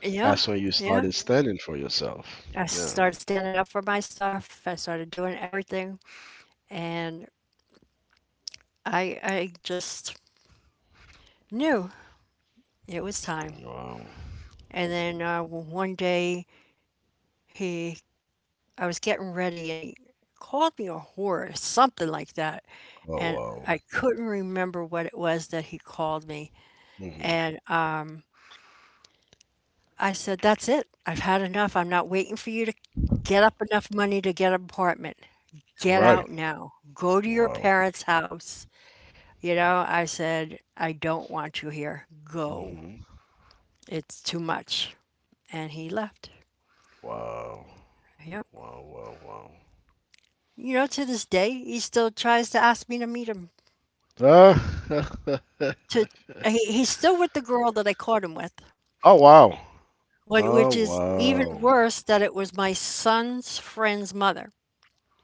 B: Yeah,
A: That's when you
B: yeah.
A: started standing for yourself.
B: I
A: Yeah.
B: started standing up for my stuff. I started doing everything. And I just knew it was time.
A: Wow.
B: And then one day, he, I was getting ready and he called me a whore, or something like that.
A: Oh
B: And
A: wow.
B: I couldn't remember what it was that he called me.
A: Hmm.
B: And I said, that's it. I've had enough. I'm not waiting for you to get up enough money to get an apartment. Get
A: Right.
B: out now. Go to your
A: Wow.
B: parents' house. You know, I said, I don't want you here. Go.
A: Hmm.
B: It's too much. And he left.
A: Wow.
B: Yep.
A: Wow. Wow.
B: You know, to this day, he still tries to ask me to meet him.
A: Wow. Ah.
B: To he's still with the girl that I caught him with,
A: Oh wow. Oh
B: which is even
A: wow.
B: worse that it was my son's friend's mother,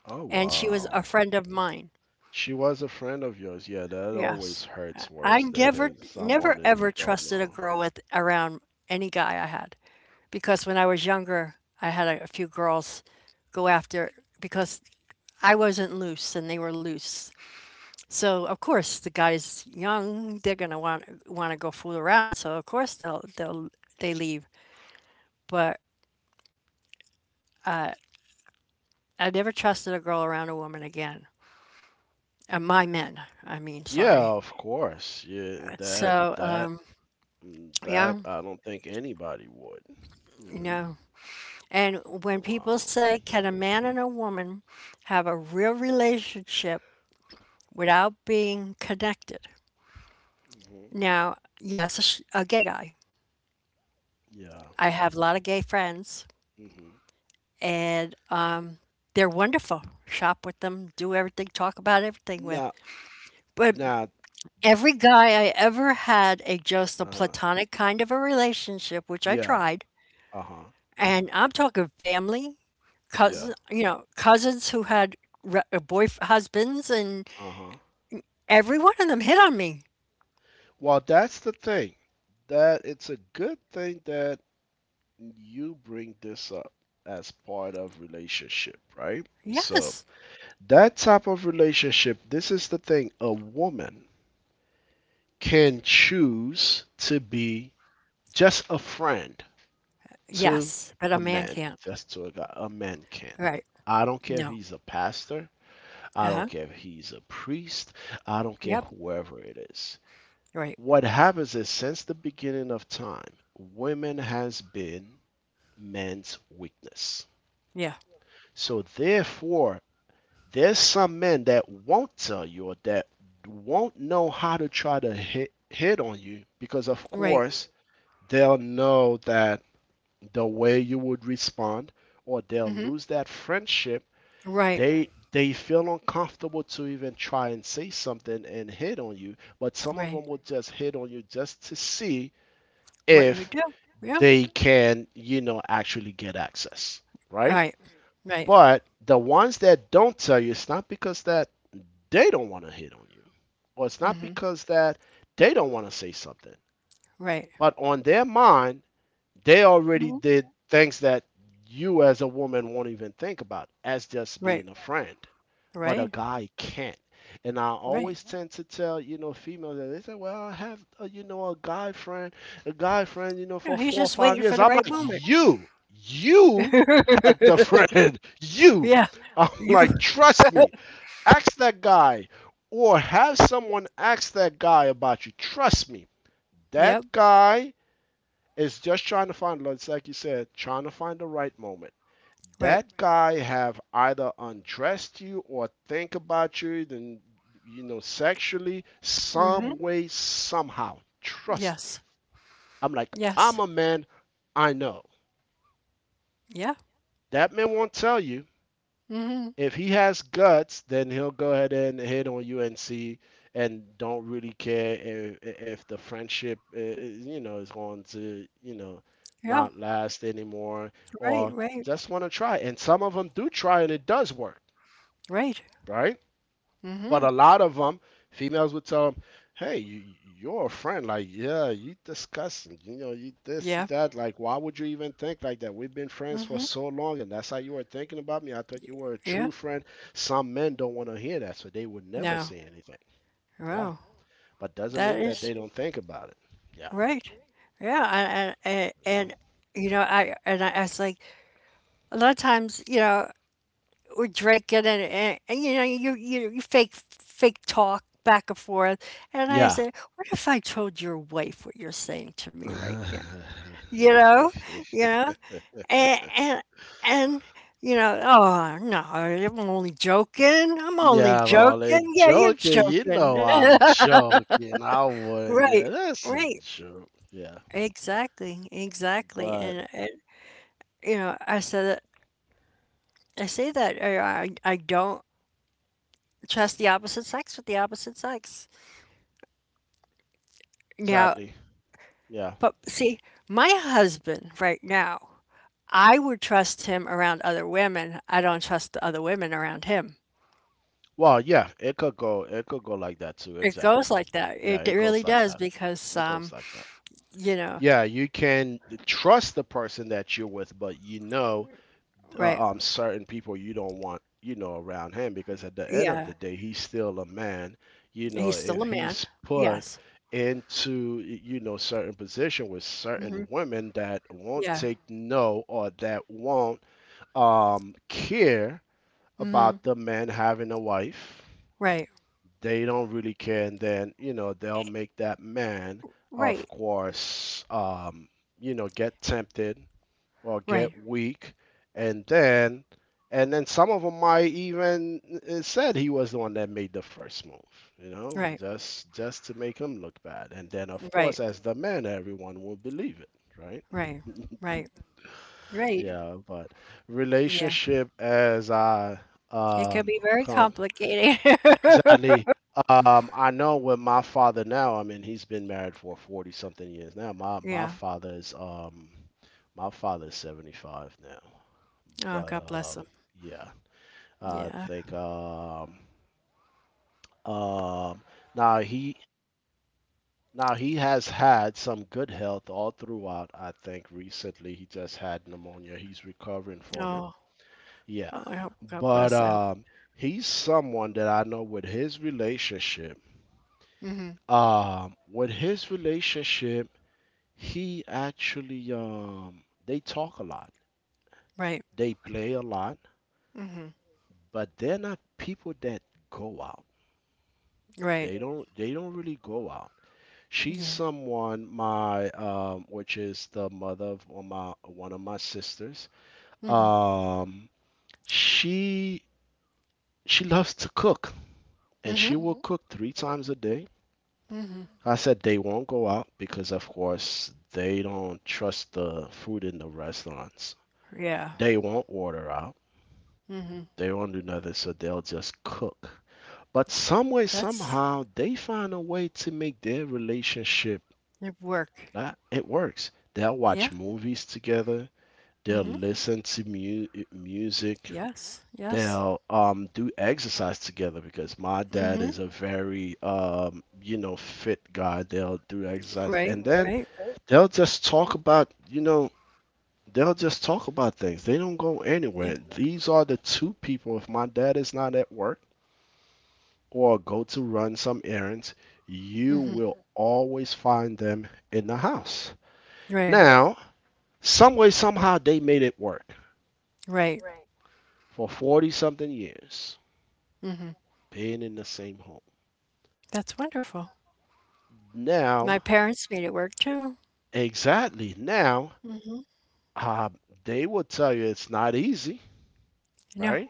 A: Oh,
B: and she was a
A: wow.
B: friend of mine.
A: She was a friend of yours. Yeah, that always
B: Yes.
A: hurts
B: I
A: worse than
B: never,
A: it's someone
B: never
A: that you
B: ever
A: don't
B: trusted a
A: know.
B: girl with around any guy I had because when I was younger, I had a few girls go after because I wasn't loose and they were loose. So of course the guy's young, they're gonna want to go fool around. So of course they leave. But I never trusted a girl around a woman again. My men, I mean,
A: Yeah,
B: sorry.
A: of course. Yeah, that
B: So
A: that mm,
B: yeah,
A: that I don't think anybody would, you
B: you
A: know.
B: know. And when people
A: Wow.
B: say, can a man and a woman have a real relationship without being connected?
A: Hmm.
B: Now, yes, a gay guy.
A: Yeah.
B: I have a lot of gay friends,
A: Hmm.
B: and they're wonderful. Shop with them, do everything, talk about everything with.
A: Now,
B: But
A: now,
B: every guy I ever had a just a
A: uh,
B: platonic kind of a relationship, which I
A: yeah.
B: tried,
A: Uh-huh.
B: and I'm talking family,
A: Yeah.
B: cousin, you know, cousins who had boy husbands and
A: Uh-huh.
B: every one of them hit on me.
A: Well, that's the thing. That it's a good thing that you bring this up as part of relationship, right? So
B: Yes.
A: that type of relationship, this is the thing, a woman can choose to be just a friend to
B: Yes, but a
A: a
B: man
A: man,
B: can't.
A: just to a guy. A man can.
B: Right.
A: I don't care if
B: No.
A: he's a pastor, I don't
B: Uh-huh.
A: care if he's a priest, I don't care
B: Yep.
A: whoever it is.
B: Right.
A: What happens is since the beginning of time, women has been men's weakness.
B: Yeah.
A: So therefore, there's some men that won't tell you or that won't know how to try to hit on you because of
B: Right.
A: course they'll know that the way you would respond or they'll
B: Mhm.
A: lose that friendship.
B: Right.
A: They feel uncomfortable to even try and say something and hit on you, but some of
B: Right.
A: them will just hit on you just to see
B: What you would
A: if
B: do. Yeah.
A: they can, you know, actually get access, right?
B: Right. Right.
A: But the ones that don't tell you, it's not because that they don't want to hit on you, or it's not
B: Mhm.
A: because that they don't want to say something,
B: Right.
A: but on their mind, they already
B: Mhm.
A: did things that you as a woman won't even think about as just
B: Right.
A: being a friend. But a
B: Right.
A: guy can't. And I
B: Right.
A: always tend to tell, you know, females that they say, well, I have, a, you know, a guy friend, you know,
B: No,
A: for
B: he's
A: four or
B: just
A: five
B: waiting for
A: years.
B: the
A: I'm
B: right
A: like,
B: moment.
A: you had the friend, you
B: Yeah.
A: I'm
B: You
A: like, trust me. Ask that guy or have someone ask that guy about you. Trust me.
B: Yep.
A: That guy is just trying to find like you said, trying to find the right moment.
B: Right.
A: That guy have either undressed you or think about you then you know sexually
B: Mhm.
A: some way somehow. Trust me.
B: Yes.
A: I'm like, I'm
B: Yes.
A: a man, I know.
B: Yeah.
A: That man won't tell you.
B: Mhm.
A: If he has guts, then he'll go ahead and hit on UNC and don't really care if the friendship, is, you know, is going to, you know,
B: Yeah.
A: not last anymore
B: Right.
A: or
B: Right.
A: just want to try. And some of them do try and it does work,
B: Right.
A: right? But
B: Mhm.
A: a lot of them, females would tell them, "Hey, you, you're a friend. Like, yeah, you disgusting. You know, you this, you
B: Yeah.
A: that. Like, why would you even think like that? We've been friends for
B: Mhm.
A: so long, and that's how you were thinking about me. I thought you were a
B: Yeah.
A: true friend." Some men don't want to hear that, so they would never
B: No.
A: say anything. Yeah,
B: Wow,
A: but doesn't
B: that
A: mean that
B: is
A: they don't think about it. Yeah,
B: right. Yeah, and and,
A: you know?
B: and you know, I was like a lot of times, you know, we're drinking and, and you know, you you fake talk back and forth, and I
A: Yeah.
B: said, what if I told your wife what you're saying to me right now? You know, you know, and and. You know, oh no, I'm only joking. I'm only
A: Yeah, I'm only
B: joking. Yeah, you're
A: joking. You
B: joking.
A: know I'm joking. I wouldn't do
B: Right,
A: that's a
B: right.
A: joke. Yeah.
B: Exactly, exactly,
A: But
B: and it, you know, I said I say that I don't trust the opposite sex with the opposite sex. Now,
A: exactly. Yeah.
B: but see, my husband right now, I would trust him around other women. I don't trust the other women around him.
A: Well, yeah, it could go like that too.
B: It
A: Exactly.
B: goes like that.
A: Yeah,
B: It
A: it goes
B: really
A: like
B: does
A: that.
B: because
A: It goes like that.
B: you know,
A: Yeah, you can trust the person that you're with, but you know,
B: right?
A: certain people you don't want, you know, around him because at the end of
B: Yeah,
A: the day, he's still a man. You know,
B: he's still
A: if
B: a man.
A: he's put
B: Yes.
A: into, you know, certain position with
B: Hmm.
A: certain women that won't
B: Yeah.
A: take no or that won't care
B: Hmm.
A: about the man having a wife.
B: Right.
A: They don't really care, and then you know they'll make that man, of
B: Right.
A: course, you know, get tempted or
B: Right.
A: get weak, and then and then some of them might even said he was the one that made the first move, you know,
B: Right.
A: just to make him look bad. And then of
B: Right.
A: course, as the man, everyone will believe it, right?
B: Right. Right. Right.
A: Yeah, but
B: Yeah.
A: relationship as I
B: It can
A: um
B: be very
A: come
B: complicated.
A: exactly. I know with my father now, I mean, he's been married for 40 something years now. My
B: Yeah.
A: father is my father is 75 now.
B: Oh,
A: But
B: God bless them.
A: yeah, I
B: Yeah.
A: think um now he now he has had some good health all throughout. I think recently he just had pneumonia. He's recovering from it.
B: Oh, oh,
A: Yeah.
B: I hope God
A: But
B: bless. I hope.
A: he's someone that I know with his relationship.
B: Hmm.
A: With his relationship, he actually they talk a lot,
B: Right.
A: they play a lot, but they're not people that go out.
B: Right.
A: They don't really go out. She's
B: Yeah.
A: someone my which is the mother of one of my sisters. Um, she she loves to cook and
B: Hmm.
A: she will cook 3 times a day. I said they won't go out because, of course, they don't trust the food in the restaurants.
B: Yeah.
A: They won't order out. They won't do nothing, so they'll just cook. But some way,
B: That's
A: somehow, they find a way to make their relationship
B: it work.
A: like it works. They'll
B: Yeah.
A: watch movies together. They'll listen to music.
B: Yes. Yes.
A: They'll do exercise together because my dad is a very you know fit guy. They'll do exercise
B: Right.
A: and then
B: Right.
A: they'll just talk about you know they'll just talk about things. They don't go
B: Yeah.
A: anywhere. These are the two people. If my dad is not at work or go to run some errands, you will always find them in the house.
B: Right.
A: Now, some way, somehow, they made it work
B: Right.
A: for 40 something years, being in the same home.
B: That's wonderful. My
A: Now,
B: parents made it work too.
A: exactly now, uh, they will tell you it's not easy,
B: No.
A: right?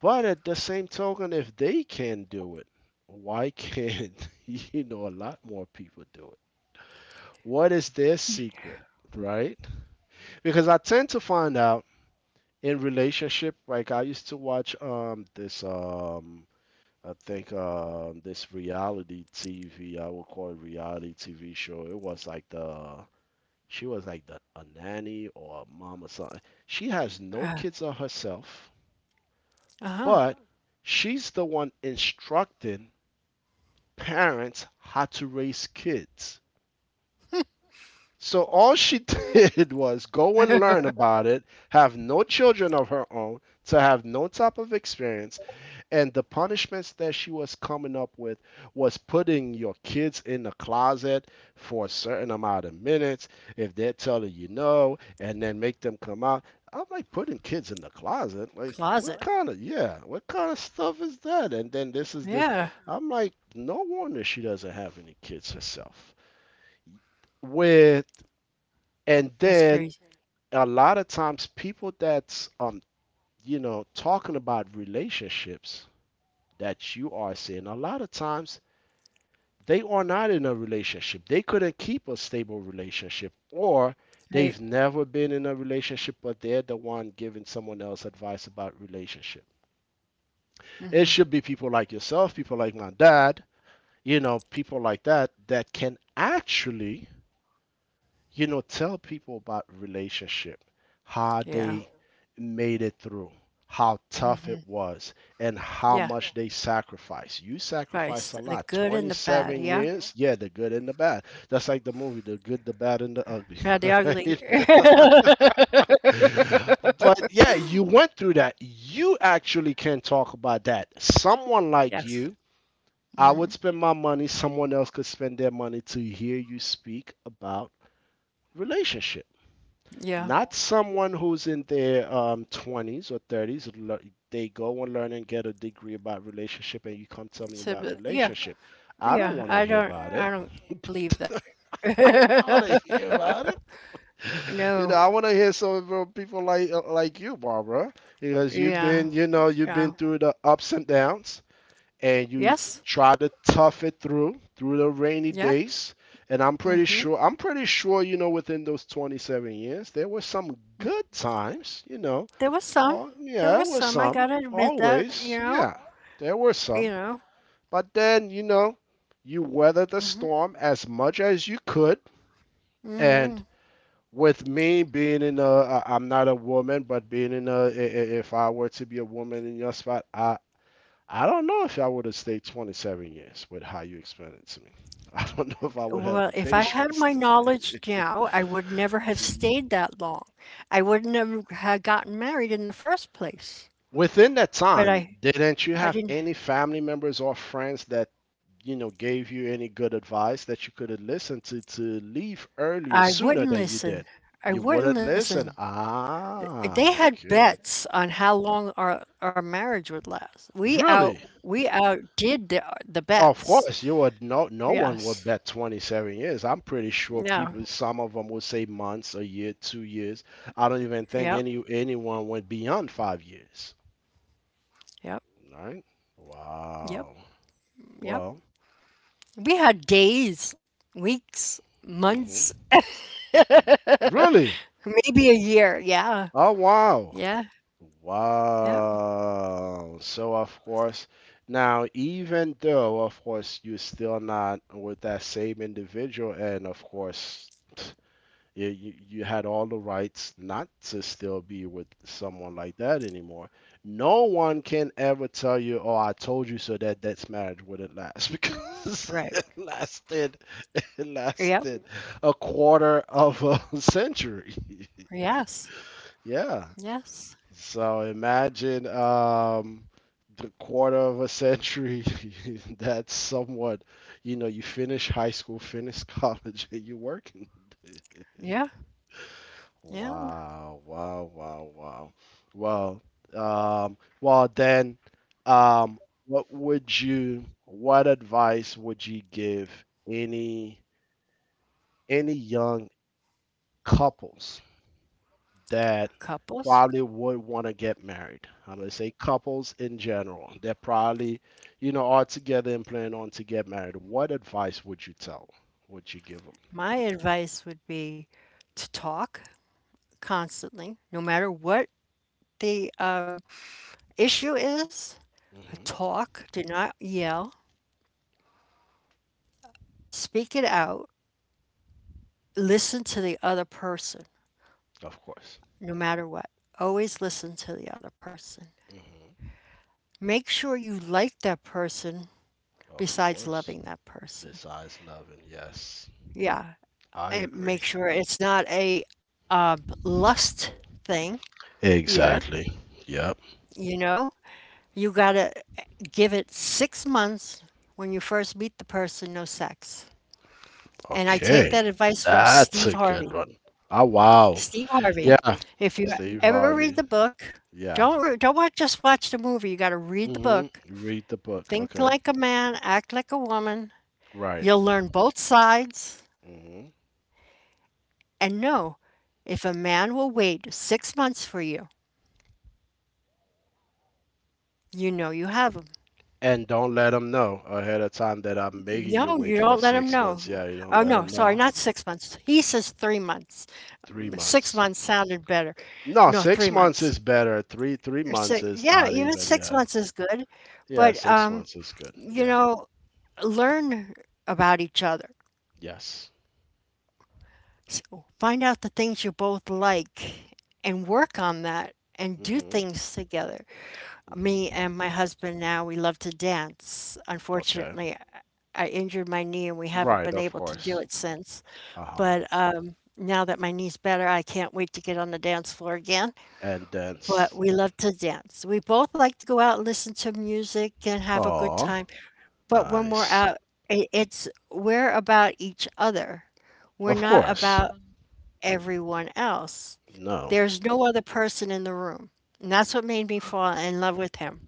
A: But at the same token, if they can do it, why can't you know a lot more people do it? What is their secret, right? Because I tend to find out in relationship, like I used to watch this I think this reality TV, I would call it reality TV show. It was like the she was like the a nanny or a mom or something. She has no kids of herself,
B: Uh-huh.
A: but she's the one instructing parents how to raise kids. So all she did was go and learn about it, have no children of her own, to have no type of experience, and the punishments that she was coming up with was putting your kids in the closet for a certain amount of minutes if they're telling you no and then make them come out. I'm like putting kids in the closet. Like what
B: Closet.
A: kind of yeah, what kind of stuff is that? And then this is this.
B: Yeah.
A: I'm like, no wonder she doesn't have any kids herself with and
B: That's
A: then
B: crazy.
A: a lot of times people that's you know talking about relationships that you are seeing, a lot of times they are not in a relationship. They couldn't keep a stable relationship or they've
B: Right.
A: never been in a relationship but they're the one giving someone else advice about relationship. It
B: Hmm.
A: should be people like yourself, people like my dad, you know, people like that that can actually you know, tell people about relationship, how
B: Yeah.
A: they made it through, how tough it was, and how
B: Yeah.
A: much they sacrificed. You sacrificed
B: First,
A: a
B: the
A: lot.
B: good and the bad,
A: 27
B: yeah?
A: years, yeah, the good and the bad. That's like the movie, The Good, the Bad, and the Ugly,
B: Bad, the ugly,
A: right? But yeah, you went through that. You actually can talk about that. Someone like
B: yes.
A: you, I would
B: Mm,
A: spend my money, someone else could spend their money to hear you speak about relationship.
B: yeah.
A: Not someone who's in their 20s or 30s. They go and learn and get a degree about relationship, and you come tell me
B: So,
A: about
B: but yeah,
A: relationship. I don't
B: yeah.
A: want to
B: I
A: hear
B: don't,
A: about it.
B: I don't believe that.
A: I don't want to hear about it. You know,
B: No.
A: I want to hear some from people like you, Barbara, because you've
B: Yeah.
A: been, you know, you've been
B: Yeah.
A: through the ups and downs, and you
B: Yes.
A: try to tough it through the rainy
B: Yeah.
A: days, and i'm pretty
B: Hmm.
A: sure i'm pretty sure within those 27 years there were some good times.
B: There was some.
A: Oh yeah,
B: There
A: there
B: was
A: were
B: some. I
A: some,
B: gotta admit that.
A: always,
B: You know.
A: yeah, there were
B: You
A: some.
B: know.
A: But then, you weathered the
B: Hmm.
A: storm as much as you could.
B: Hmm.
A: And with me being in a, I- I'm not a woman, but if I were to be a woman in your spot, I don't know if I would have stayed 27 years with how you explained it to me. I don't know if I would have
B: Well,
A: the
B: if I had
A: patience
B: my
A: to
B: knowledge
A: stay.
B: now, I would never have stayed that long. I wouldn't have gotten married in the first place.
A: Within that
B: But
A: time,
B: I,
A: didn't you
B: I
A: have
B: didn't.
A: any family members or friends that, gave you any good advice that you could have listened to leave earlier,
B: I
A: sooner
B: wouldn't
A: than you
B: listen.
A: did?
B: I
A: You
B: wouldn't
A: wouldn't listen.
B: listen.
A: Ah,
B: They had
A: okay.
B: bets on how long our marriage would last. We out
A: Really?
B: we outdid the
A: Of
B: bets.
A: course, you would no one would
B: Yes.
A: bet 27 years. I'm pretty sure
B: No.
A: people, some of them would say months, a year, 2 years. I don't even think
B: Yep.
A: anyone went beyond 5 years,
B: Yep.
A: right?
B: Yep.
A: Wow.
B: Yep.
A: Well.
B: We had days, weeks,
A: Hmm.
B: months,
A: Really?
B: maybe a year. Yeah.
A: Oh wow.
B: Yeah. Yeah.
A: Wow. So, of course, now, even though, of course, you're still not with that same individual, and of course, you had all the rights not to still be with someone like that anymore. No one can ever tell you, "Oh, I told you so that that marriage wouldn't last," because
B: Right.
A: it lasted, it
B: Yep.
A: lasted a quarter of a century.
B: Yes.
A: Yeah.
B: Yes.
A: So imagine, the quarter of a century. That's somewhat, you know, you finish high school, finish college, and you're working.
B: Yeah. Yeah.
A: Wow, wow, wow, wow. Well, um, well then, um, what would what advice would you give any young couples that
B: Couples.
A: probably would want to get married? I'm gonna say couples in general that probably, are together and plan on to get married. What advice would you tell? Would you give them?
B: My advice would be to talk constantly, no matter what the issue is.
A: Hmm.
B: Talk, do not yell, speak it out, listen to the other person,
A: Of course.
B: no matter what. Always listen to the other person.
A: Hmm.
B: Make sure you like that person
A: Of
B: besides
A: course.
B: loving that person.
A: Besides loving, yes.
B: Yeah,
A: I
B: and
A: agree.
B: make sure it's not a lust thing either.
A: Exactly. Yep.
B: You know, you gotta give it 6 months when you first meet the person, no sex. And I take
A: Okay.
B: that advice from
A: That's
B: Steve
A: a good
B: Harvey.
A: one. Oh, wow.
B: Steve Harvey.
A: Yeah.
B: If you
A: Steve
B: ever read
A: Harvey.
B: the book,
A: Yeah.
B: don't watch, just watch the movie. You got to read the book.
A: Mm-hmm. Read the book.
B: Think
A: Okay.
B: like a man, act like a woman.
A: Right.
B: You'll learn both sides
A: Mm-hmm.
B: and know if a man will wait 6 months for you, you know you have him.
A: And don't let them know ahead of time that I'm making you
B: No,
A: wait
B: you
A: for
B: don't let him
A: six
B: know.
A: months. Yeah, you don't
B: Oh
A: let
B: no,
A: them
B: sorry,
A: know.
B: not 6 months. He says 3 months.
A: Three
B: Six
A: months.
B: months sounded better.
A: No,
B: No,
A: six
B: three
A: months
B: months.
A: is better. Three three
B: So,
A: months is
B: yeah,
A: not
B: even
A: even.
B: six
A: Yeah.
B: months is good,
A: Yeah,
B: but
A: six months is good.
B: you
A: Yeah.
B: know, learn about each other.
A: Yes.
B: So find out the things you both like and work on that and do
A: Mm-hmm.
B: things together.
A: Mm-hmm.
B: Me and my husband now, we love to dance.
A: Okay.
B: Unfortunately, I injured my knee and we haven't
A: Right,
B: been
A: of
B: able to do
A: course.
B: it since.
A: Uh-huh.
B: But now that my knee's better, I can't wait to get on the dance floor again.
A: And
B: But
A: dance.
B: we love to dance. We both like to go out and listen to music and have a good
A: Aw,
B: time. But when we're
A: nice.
B: out, I- it's we're about each other. We're
A: Of
B: not
A: course.
B: about everyone else.
A: No.
B: There's no other person in the room. And that's what made me fall in love with him,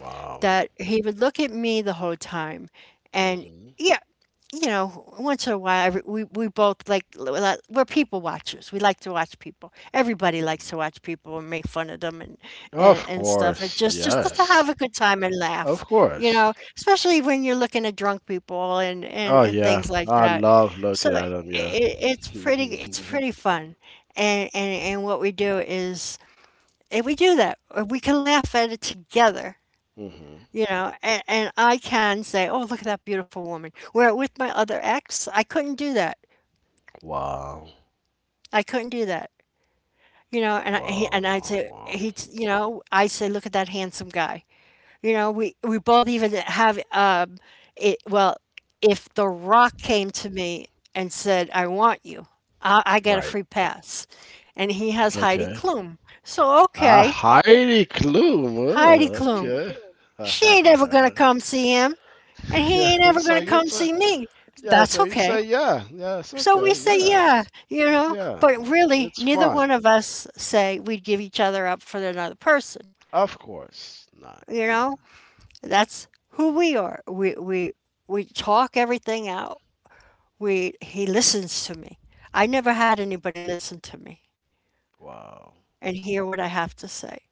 A: Wow.
B: that he would look at me the whole time. And
A: Hmm.
B: yeah, once in a while, we both like, we're people watchers. We like to watch people. Everybody likes to watch people and make fun of them, and and,
A: Of
B: and stuff, and
A: course.
B: just to
A: Yes.
B: have a good time and
A: Of
B: laugh,
A: course.
B: especially when you're looking at drunk people and and,
A: Oh
B: and
A: yeah.
B: things like
A: I
B: that.
A: love
B: So
A: looking
B: it,
A: at them, yeah.
B: it's pretty it's pretty fun, and what we do is, and we do that, or we can laugh at it together,
A: Hmm.
B: and I can say, oh, look at that beautiful woman. Where with my other ex, I couldn't do that.
A: Wow.
B: I couldn't do that. You know, and
A: Wow,
B: and I'd
A: wow,
B: say
A: wow.
B: he, I say, look at that handsome guy. You know, we both even have it. Well, if The Rock came to me and said, I want you, I get a
A: Right.
B: free pass, and he has Heidi
A: Okay.
B: Klum. So
A: Ah,
B: okay,
A: Heidi Klum.
B: Heidi Klum,
A: Okay.
B: she ain't ever gonna come see him, and
A: Yeah,
B: he ain't ever gonna come see me.
A: yeah,
B: That's
A: so you say,
B: okay.
A: yeah, yeah, it's
B: So we
A: okay,
B: say,
A: yeah,
B: yeah, but
A: yeah,
B: really,
A: it's
B: neither
A: fun.
B: one of us say we'd give each other up for another person.
A: Of course not.
B: You
A: Yeah.
B: know, that's who we are. We talk everything out. We he listens to me. I never had
A: Hmm.
B: anybody listen to me
A: Wow,
B: and hear what I have to say.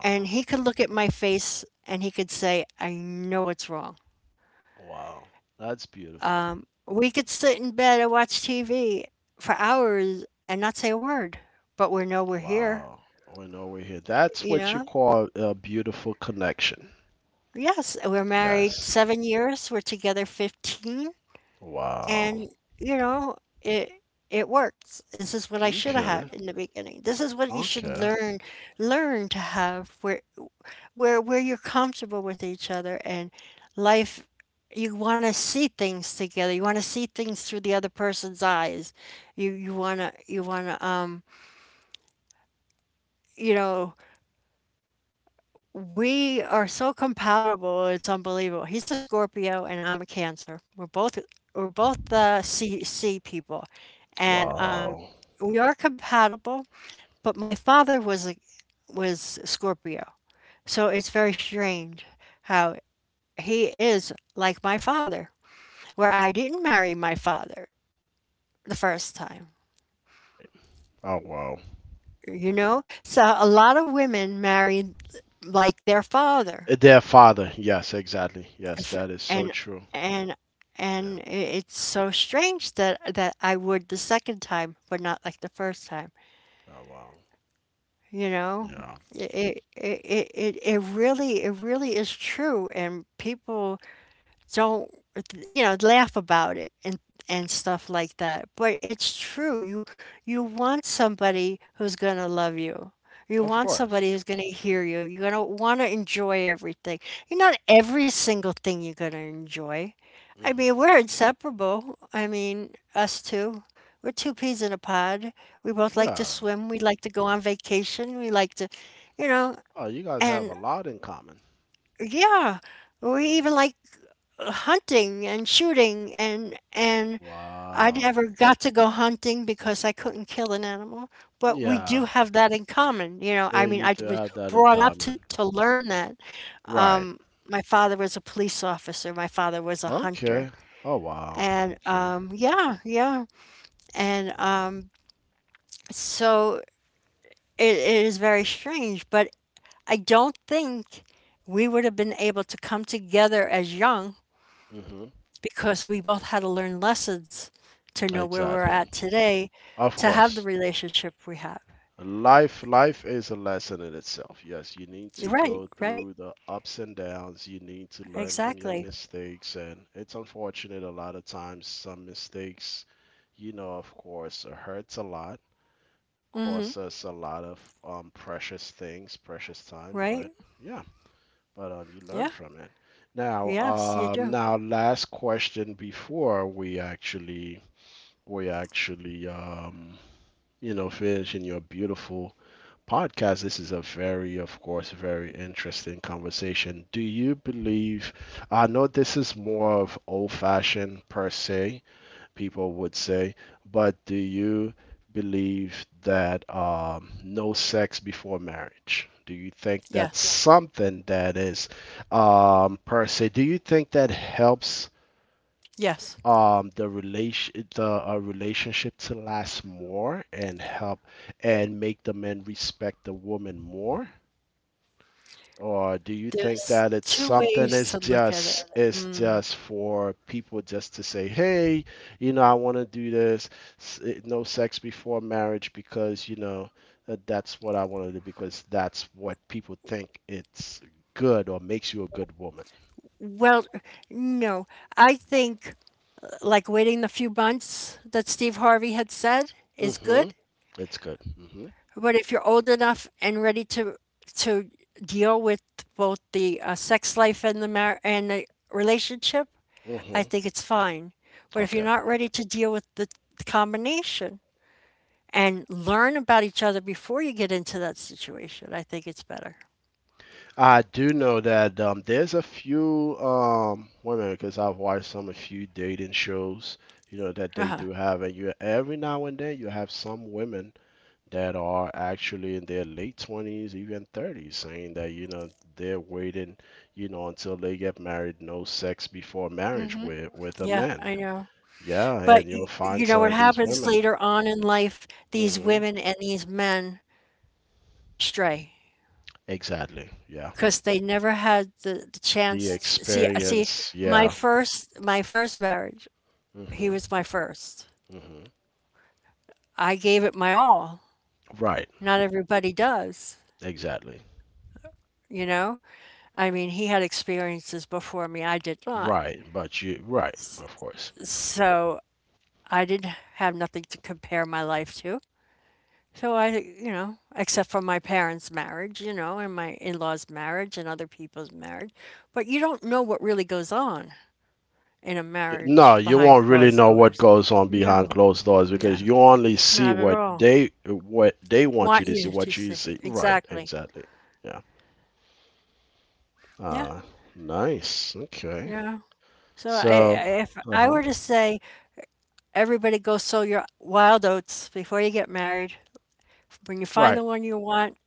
B: And he could look at my face and he could say, I know it's wrong.
A: wow. That's beautiful.
B: We could sit in bed and watch TV for hours and not say a word, but we know we're here,
A: Wow. We're nowhere here. That's
B: you
A: what you
B: know?
A: call a beautiful connection.
B: Yes, we're married
A: Yes.
B: 7 years, we're together 15.
A: Wow.
B: And you know it it works. This is what I should have had
A: Okay.
B: in the beginning. This is what you should
A: Okay.
B: learn. Learn to have, where you're comfortable with each other and life. You want to see things together. You want to see things through the other person's eyes. You want to. You know we are so compatible. It's unbelievable. He's a Scorpio and I'm a Cancer. We're both the C people, and
A: Wow.
B: we are compatible. But my father was Scorpio, so it's very strange how he is like my father, where I didn't marry my father the first time.
A: Oh, wow.
B: You know, so a lot of women marry like their father,
A: Their father. Yes, exactly. Yes, that is so
B: and
A: true.
B: and and
A: Yeah.
B: it's so strange that that I would the second time, but not like the first time.
A: Oh, wow.
B: You know,
A: Yeah.
B: it it it really is true, and people don't, laugh about it and stuff like that, but it's true. You want somebody who's going to love you. You
A: Of
B: want somebody
A: course.
B: who's going to hear you. You're going to want to enjoy everything. You, not every single thing you're going to enjoy. I mean,
A: Hmm.
B: we're inseparable. I mean, us two, we're two peas in a pod. We both like to
A: Yeah.
B: swim. We like to go on vacation. We like to, you know
A: Oh, you guys have
B: and
A: a lot in common.
B: yeah, we
A: No.
B: even like hunting and shooting, and I
A: Wow.
B: never got to go hunting because I couldn't kill an animal. But we do
A: Yeah.
B: have that in common.
A: Yeah,
B: I mean,
A: you
B: I
A: do
B: was
A: have that in
B: brought up to
A: common.
B: to learn that.
A: Right.
B: Um, my father was a police officer. My father was a hunter,
A: Okay. Oh, wow.
B: and
A: Okay.
B: um, yeah, yeah, and
A: Wow.
B: um, so it is very strange, but I don't think we would have been able to come together as young,
A: Hmm.
B: because we both had to learn lessons to know where we're
A: Exactly.
B: at today,
A: Of
B: to have the
A: course.
B: relationship we have.
A: Life is a lesson in itself. Yes, you need to
B: You're right,
A: go
B: right,
A: through the ups and downs. You need to learn from your
B: exactly.
A: mistakes, and it's unfortunate a lot of times some mistakes, of course, hurts a lot,
B: Hmm.
A: costs us a lot of precious things, precious time.
B: Right?
A: But yeah, but you
B: Yeah.
A: learn from it. Now,
B: Yes, you do.
A: now, last question before we actually finish in your beautiful podcast. This is a very, of course, very interesting conversation. Do you believe? I know this is more of old-fashioned, per se, people would say. But do you believe that, no sex before marriage? Do you think that's
B: Yes.
A: something that is, per se? Do you think that helps,
B: Yes.
A: the relationship to last more and help and make the men respect the woman more? Or do you think
B: There's
A: that it's
B: two
A: something,
B: ways to
A: it's
B: look at it.
A: just it's
B: Mm.
A: just for people just to say, hey, you know, I want to do this, no sex before marriage because, you know, that's what I want to do because that's what people think it's good or makes you a good woman.
B: Well, no, I think like waiting the few months that Steve Harvey had said is
A: Mm-hmm.
B: good.
A: It's good. Mm-hmm.
B: But if you're old enough and ready to deal with both the sex life and the relationship, I
A: Mm-hmm.
B: think it's fine. But if you're
A: Okay.
B: not ready to deal with the combination and learn about each other before you get into that situation, I think it's better.
A: I do know that, there's a few, women because I've watched some a few dating shows, you know, that they
B: Uh-huh.
A: do have, and you every now and then you have some women that are actually in their late 20s, even 30s, saying that, they're waiting, you know, until they get married, no sex before marriage with a
B: Yeah,
A: man.
B: I know.
A: Yeah,
B: But
A: and you'll find
B: you know
A: some
B: what
A: of these
B: happens
A: women.
B: later on in life, these
A: Hmm.
B: women and these men stray.
A: Exactly. Yeah.
B: Because they never had the
A: The
B: chance to, see,
A: experience.
B: my
A: Yeah.
B: first marriage, he
A: Hmm.
B: was my first.
A: Hmm.
B: I gave it my all.
A: Right.
B: Not everybody does
A: Exactly.
B: you know I mean, he had experiences before me. I did not.
A: Right, but you right, of course.
B: So I didn't have nothing to compare my life to. So I, except for my parents marriage, and my in-laws marriage and other people's marriage, but you don't know what really goes on in a
A: No,
B: marriage
A: you
B: behind
A: won't really
B: closed
A: know what
B: doors.
A: goes on behind
B: No.
A: closed doors because
B: No,
A: you only see
B: not at
A: what
B: all.
A: they what they want you
B: Want
A: to see,
B: you to
A: what you
B: say,
A: see. Right,
B: exactly.
A: exactly. Yeah.
B: Yeah,
A: Uh, Nice. Okay.
B: yeah. So,
A: So.
B: if I
A: Uh-huh.
B: were to say, everybody go sow your wild oats before you get married. When you find
A: Right.
B: the one you want,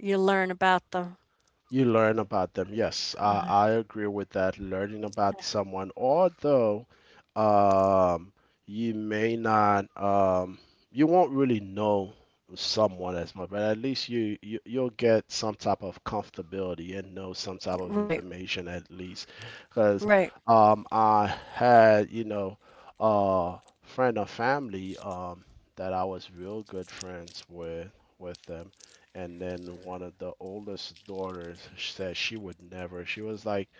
B: you learn about them.
A: You learn about them. Yes, I agree with that. Learning about someone, although, um, you may not, you won't really know someone as much, but at least you'll get some type of comfortability and know some type of
B: Right,
A: information at least. Because,
B: right.
A: I had, you know, a friend or family, that I was real good friends with them, and then one of the oldest daughters said she would never. She was like,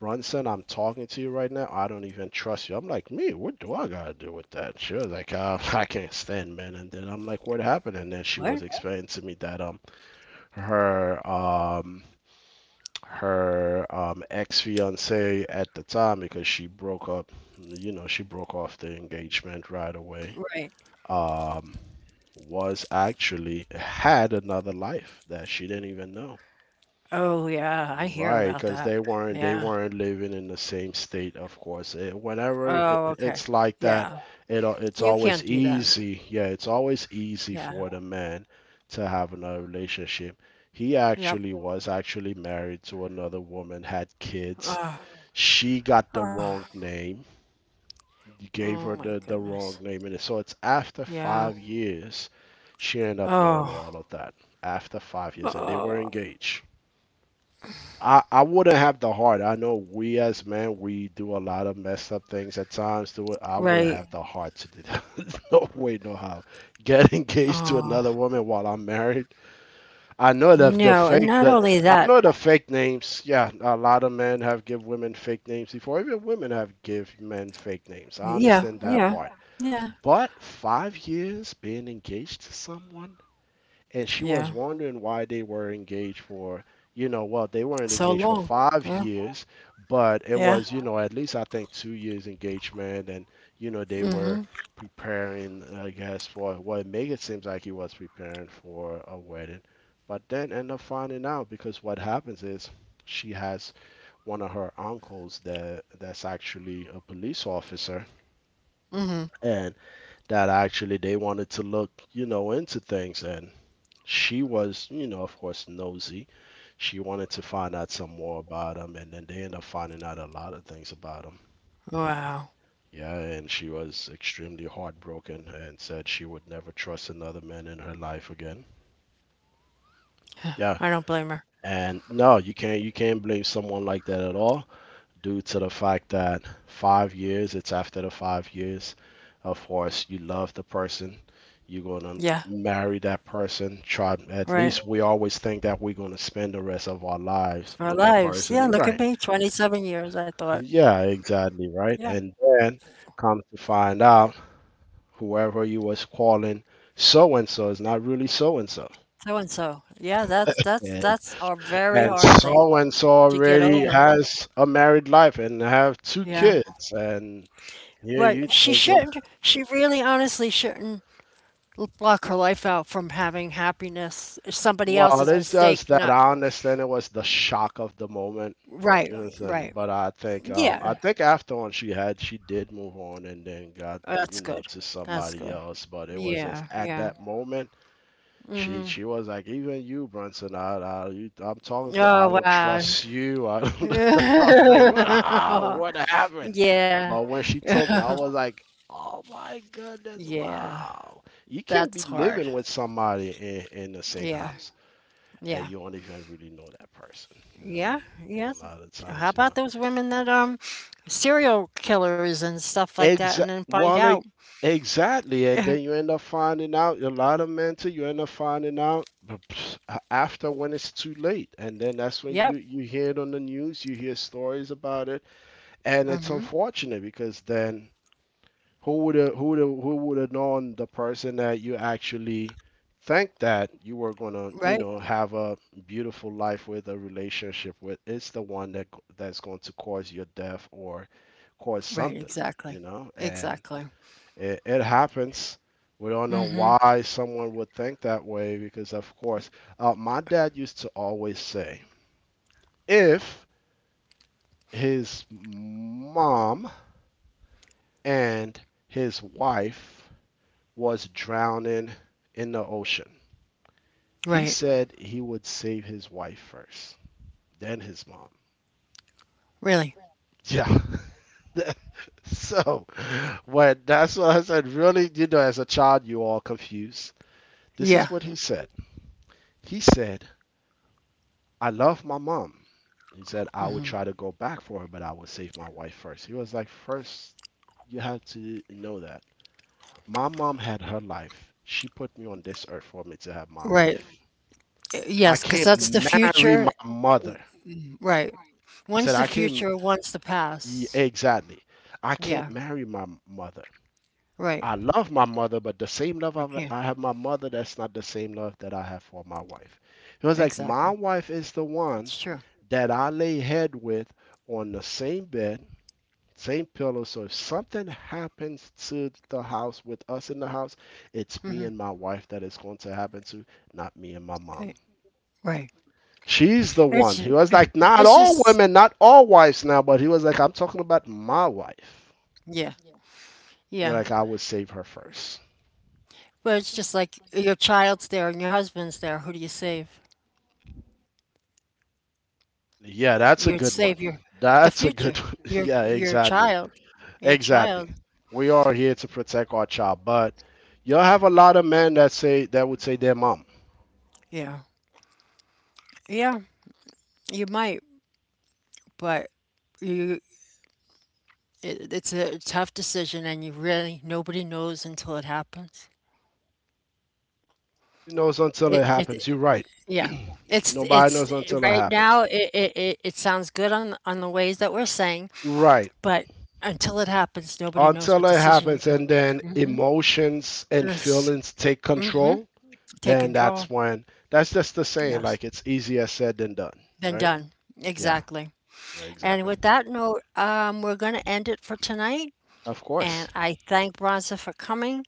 A: Brunson, I'm talking to you right now. I don't even trust you. I'm like, me, what do I got to do with that? She was like, I can't stand men. And then I'm like, what happened? And then she
B: What?
A: was explaining to me that her um her ex fiance at the time, because she broke up, you know, she broke off the engagement right away.
B: Right.
A: Um was actually had another life that she didn't even know.
B: Oh yeah, I hear
A: Right,
B: about
A: because
B: that.
A: they weren't they
B: Yeah.
A: weren't living in the same state, of course. Whenever it,
B: Oh, okay.
A: it's like that,
B: Yeah.
A: it's
B: You
A: always
B: can't do that.
A: easy. Yeah, it's always easy
B: Yeah.
A: for the man to have another relationship. He
B: Yep.
A: actually was actually married to another woman, had kids.
B: Oh,
A: She got the
B: oh,
A: wrong name. You gave
B: oh
A: her
B: my
A: the wrong
B: goodness.
A: name, and so it's after
B: Yeah.
A: 5 years she ended up knowing
B: Oh.
A: all of that. After 5 years, and they were
B: Oh.
A: engaged. I wouldn't have the heart. I know we as men, we do a lot of messed up things at times. Do it. I wouldn't
B: Right.
A: have the heart to do that. No way, no how. Get engaged to
B: Oh.
A: another woman while I'm married. I know that the
B: No, and not
A: fake, the
B: only
A: I
B: that,
A: know the fake names. Yeah, a lot of men have give women fake names before. Even women have give men fake names. I
B: yeah,
A: understand that
B: yeah,
A: part.
B: yeah,
A: But 5 years being engaged to someone, and she
B: yeah,
A: was wondering why they were engaged for, you know, well, they weren't
B: so
A: engaged for
B: long.
A: five
B: Yeah,
A: years but it
B: yeah,
A: was, you know, at least I think 2 years engagement. And you know, they
B: mhm,
A: were preparing, I guess, for what make it seems like he was preparing for a wedding, but then end up finding out because what happens is she has one of her uncles that's actually a police officer,
B: mhm.
A: and that actually they wanted to look, you know, into things, and she was, you know, of course, nosy. She wanted to find out some more about him, and then they ended up finding out a lot of things about him.
B: Wow,
A: Yeah, and she was extremely heartbroken and said she would never trust another man in her life again. Yeah,
B: I don't blame her.
A: and no, you can't blame someone like that at all. Due to the fact that 5 years, it's after the 5 years. Of course, you love the person, you're going to
B: Yeah,
A: marry that person. Try, at
B: right,
A: least we always think that we're going to spend the rest of our lives
B: our
A: with the
B: lives. Yeah,
A: person.
B: look at
A: Right.
B: me, 27 years, I thought.
A: Yeah, exactly, right.
B: Yeah,
A: And then come to find out whoever you was calling so and so is not really so and so.
B: so and so. Yeah, that's that's
A: And
B: that's a very
A: and
B: hard thing
A: so and so
B: to get
A: already
B: over.
A: has a married life and have two
B: Yeah.
A: kids, and here
B: But
A: you
B: she
A: thinking.
B: shouldn't, she really honestly shouldn't block her life out from having happiness. It's somebody
A: Well,
B: else's
A: it's
B: mistake,
A: just that
B: not
A: I understand it was the shock of the moment.
B: right,
A: You understand?
B: right.
A: But I think,
B: Yeah,
A: after on, she did move on and then got,
B: oh,
A: you
B: that's
A: know,
B: good.
A: to
B: That's
A: somebody
B: good.
A: else. But it was just
B: Yeah,
A: at
B: yeah.
A: that moment she was like, even you, Brunson, I you, I'm talking to, I
B: Oh,
A: don't
B: wow.
A: trust you, I don't, I'm like, wow, what happened?
B: Yeah.
A: But when she told me, I was like, oh my goodness,
B: Yeah,
A: wow, you can be
B: that's hard.
A: living with somebody in the same
B: Yeah,
A: house, and
B: yeah,
A: you don't even really know that person. You
B: yeah,
A: know, a
B: yes.
A: lot of
B: How
A: times, you
B: about
A: know,
B: those women that serial killers and stuff like that and then find
A: well,
B: out?
A: like, exactly, and then you end up finding out a lot of men too. You end up finding out after when it's too late, and then that's when you
B: Yep.
A: you hear it on the news, you hear stories about it, and it's
B: Mm-hmm.
A: unfortunate because then who would have known the person that you actually think that you were gonna, you
B: Right.
A: know, have a beautiful life with, a relationship with, it's the one that's going to cause your death or cause
B: Right,
A: something,
B: exactly.
A: you know. And
B: Exactly.
A: it happens. We don't know
B: Mm-hmm.
A: why someone would think that way, because of course, my dad used to always say if his mom and his wife was drowning in the ocean. He
B: Right.
A: said he would save his wife first, then his mom.
B: Really.
A: Yeah. So, when that's what I said, really, you know, as a child, you are confused. This is
B: Yeah.
A: what he said. He said, I love my mom. He said, I would
B: Mm-hmm.
A: try to go back for her, but I would save my wife first. He was like, first, you have to know that. My mom had her life. She put me on this earth for me to have my
B: Right.
A: life. I
B: Yes, because
A: can't.
B: that's the
A: Because I, marry
B: future.
A: my mother.
B: Right.
A: Said
B: One's the
A: I can't,
B: future, one's the
A: yeah,
B: past.
A: exactly. I can't
B: Yeah,
A: marry my mother.
B: right.
A: I love my mother, but the same love I've,
B: Okay,
A: I have my mother, that's not the same love that I have for my wife. He was like, my
B: exactly.
A: wife is the
B: It's
A: one
B: true.
A: that I lay head with on the same bed, same pillow. So if something happens to the house with us in the house, it's me
B: Hmm.
A: and my wife that it's going to happen to, not me and my
B: Right.
A: mom.
B: Right.
A: She's the
B: And
A: one.
B: It's
A: He was like, not
B: it's
A: all
B: just,
A: women, not all wives now, but he was like, I'm talking about my wife.
B: yeah,
A: You're
B: yeah.
A: like, I would save her first.
B: But it's just like your child's there and your husband's there. Who do you save?
A: Yeah, that's a
B: You'd
A: good one.
B: save your the
A: That's a
B: future.
A: good one.
B: Your
A: Yeah,
B: your
A: exactly.
B: child. Your child.
A: Exactly. We are here to protect our child, but you'll have a lot of men that would say their mom.
B: Yeah. Yeah. You might, but you it's a tough decision, and you really, nobody knows until it happens.
A: Who knows until it
B: It,
A: happens?
B: it
A: You're right.
B: Yeah. It's
A: Nobody knows
B: it's
A: until it
B: right
A: happens.
B: now. It sounds good on the ways that we're saying,
A: Right.
B: but until it happens, nobody knows
A: Until
B: what
A: it
B: decision you're
A: happens,
B: going to
A: and then
B: make. Mhm.
A: emotions and
B: And it's,
A: feelings take
B: hmm
A: control.
B: take
A: Then that's
B: control.
A: when, that's just the saying
B: Yes.
A: like, it's easier said than done.
B: Been
A: Right.
B: done.
A: Yeah,
B: Exactly. And
A: exactly.
B: with that note, we're going to end it for tonight.
A: Of
B: And
A: course.
B: I thank Bronza for coming.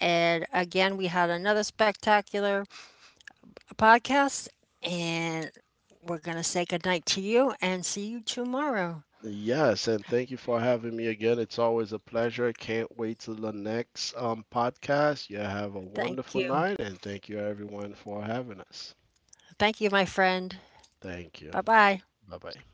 B: And again, we had another spectacular podcast. And we're going to say goodnight to you and see you tomorrow.
A: Yes, and thank you for having me again. It's always a pleasure. Can't wait till the next, podcast. You have a
B: Thank
A: wonderful
B: you.
A: night, and thank you everyone for having us.
B: Thank you, my friend.
A: Thank you.
B: Bye bye.
A: Bye bye.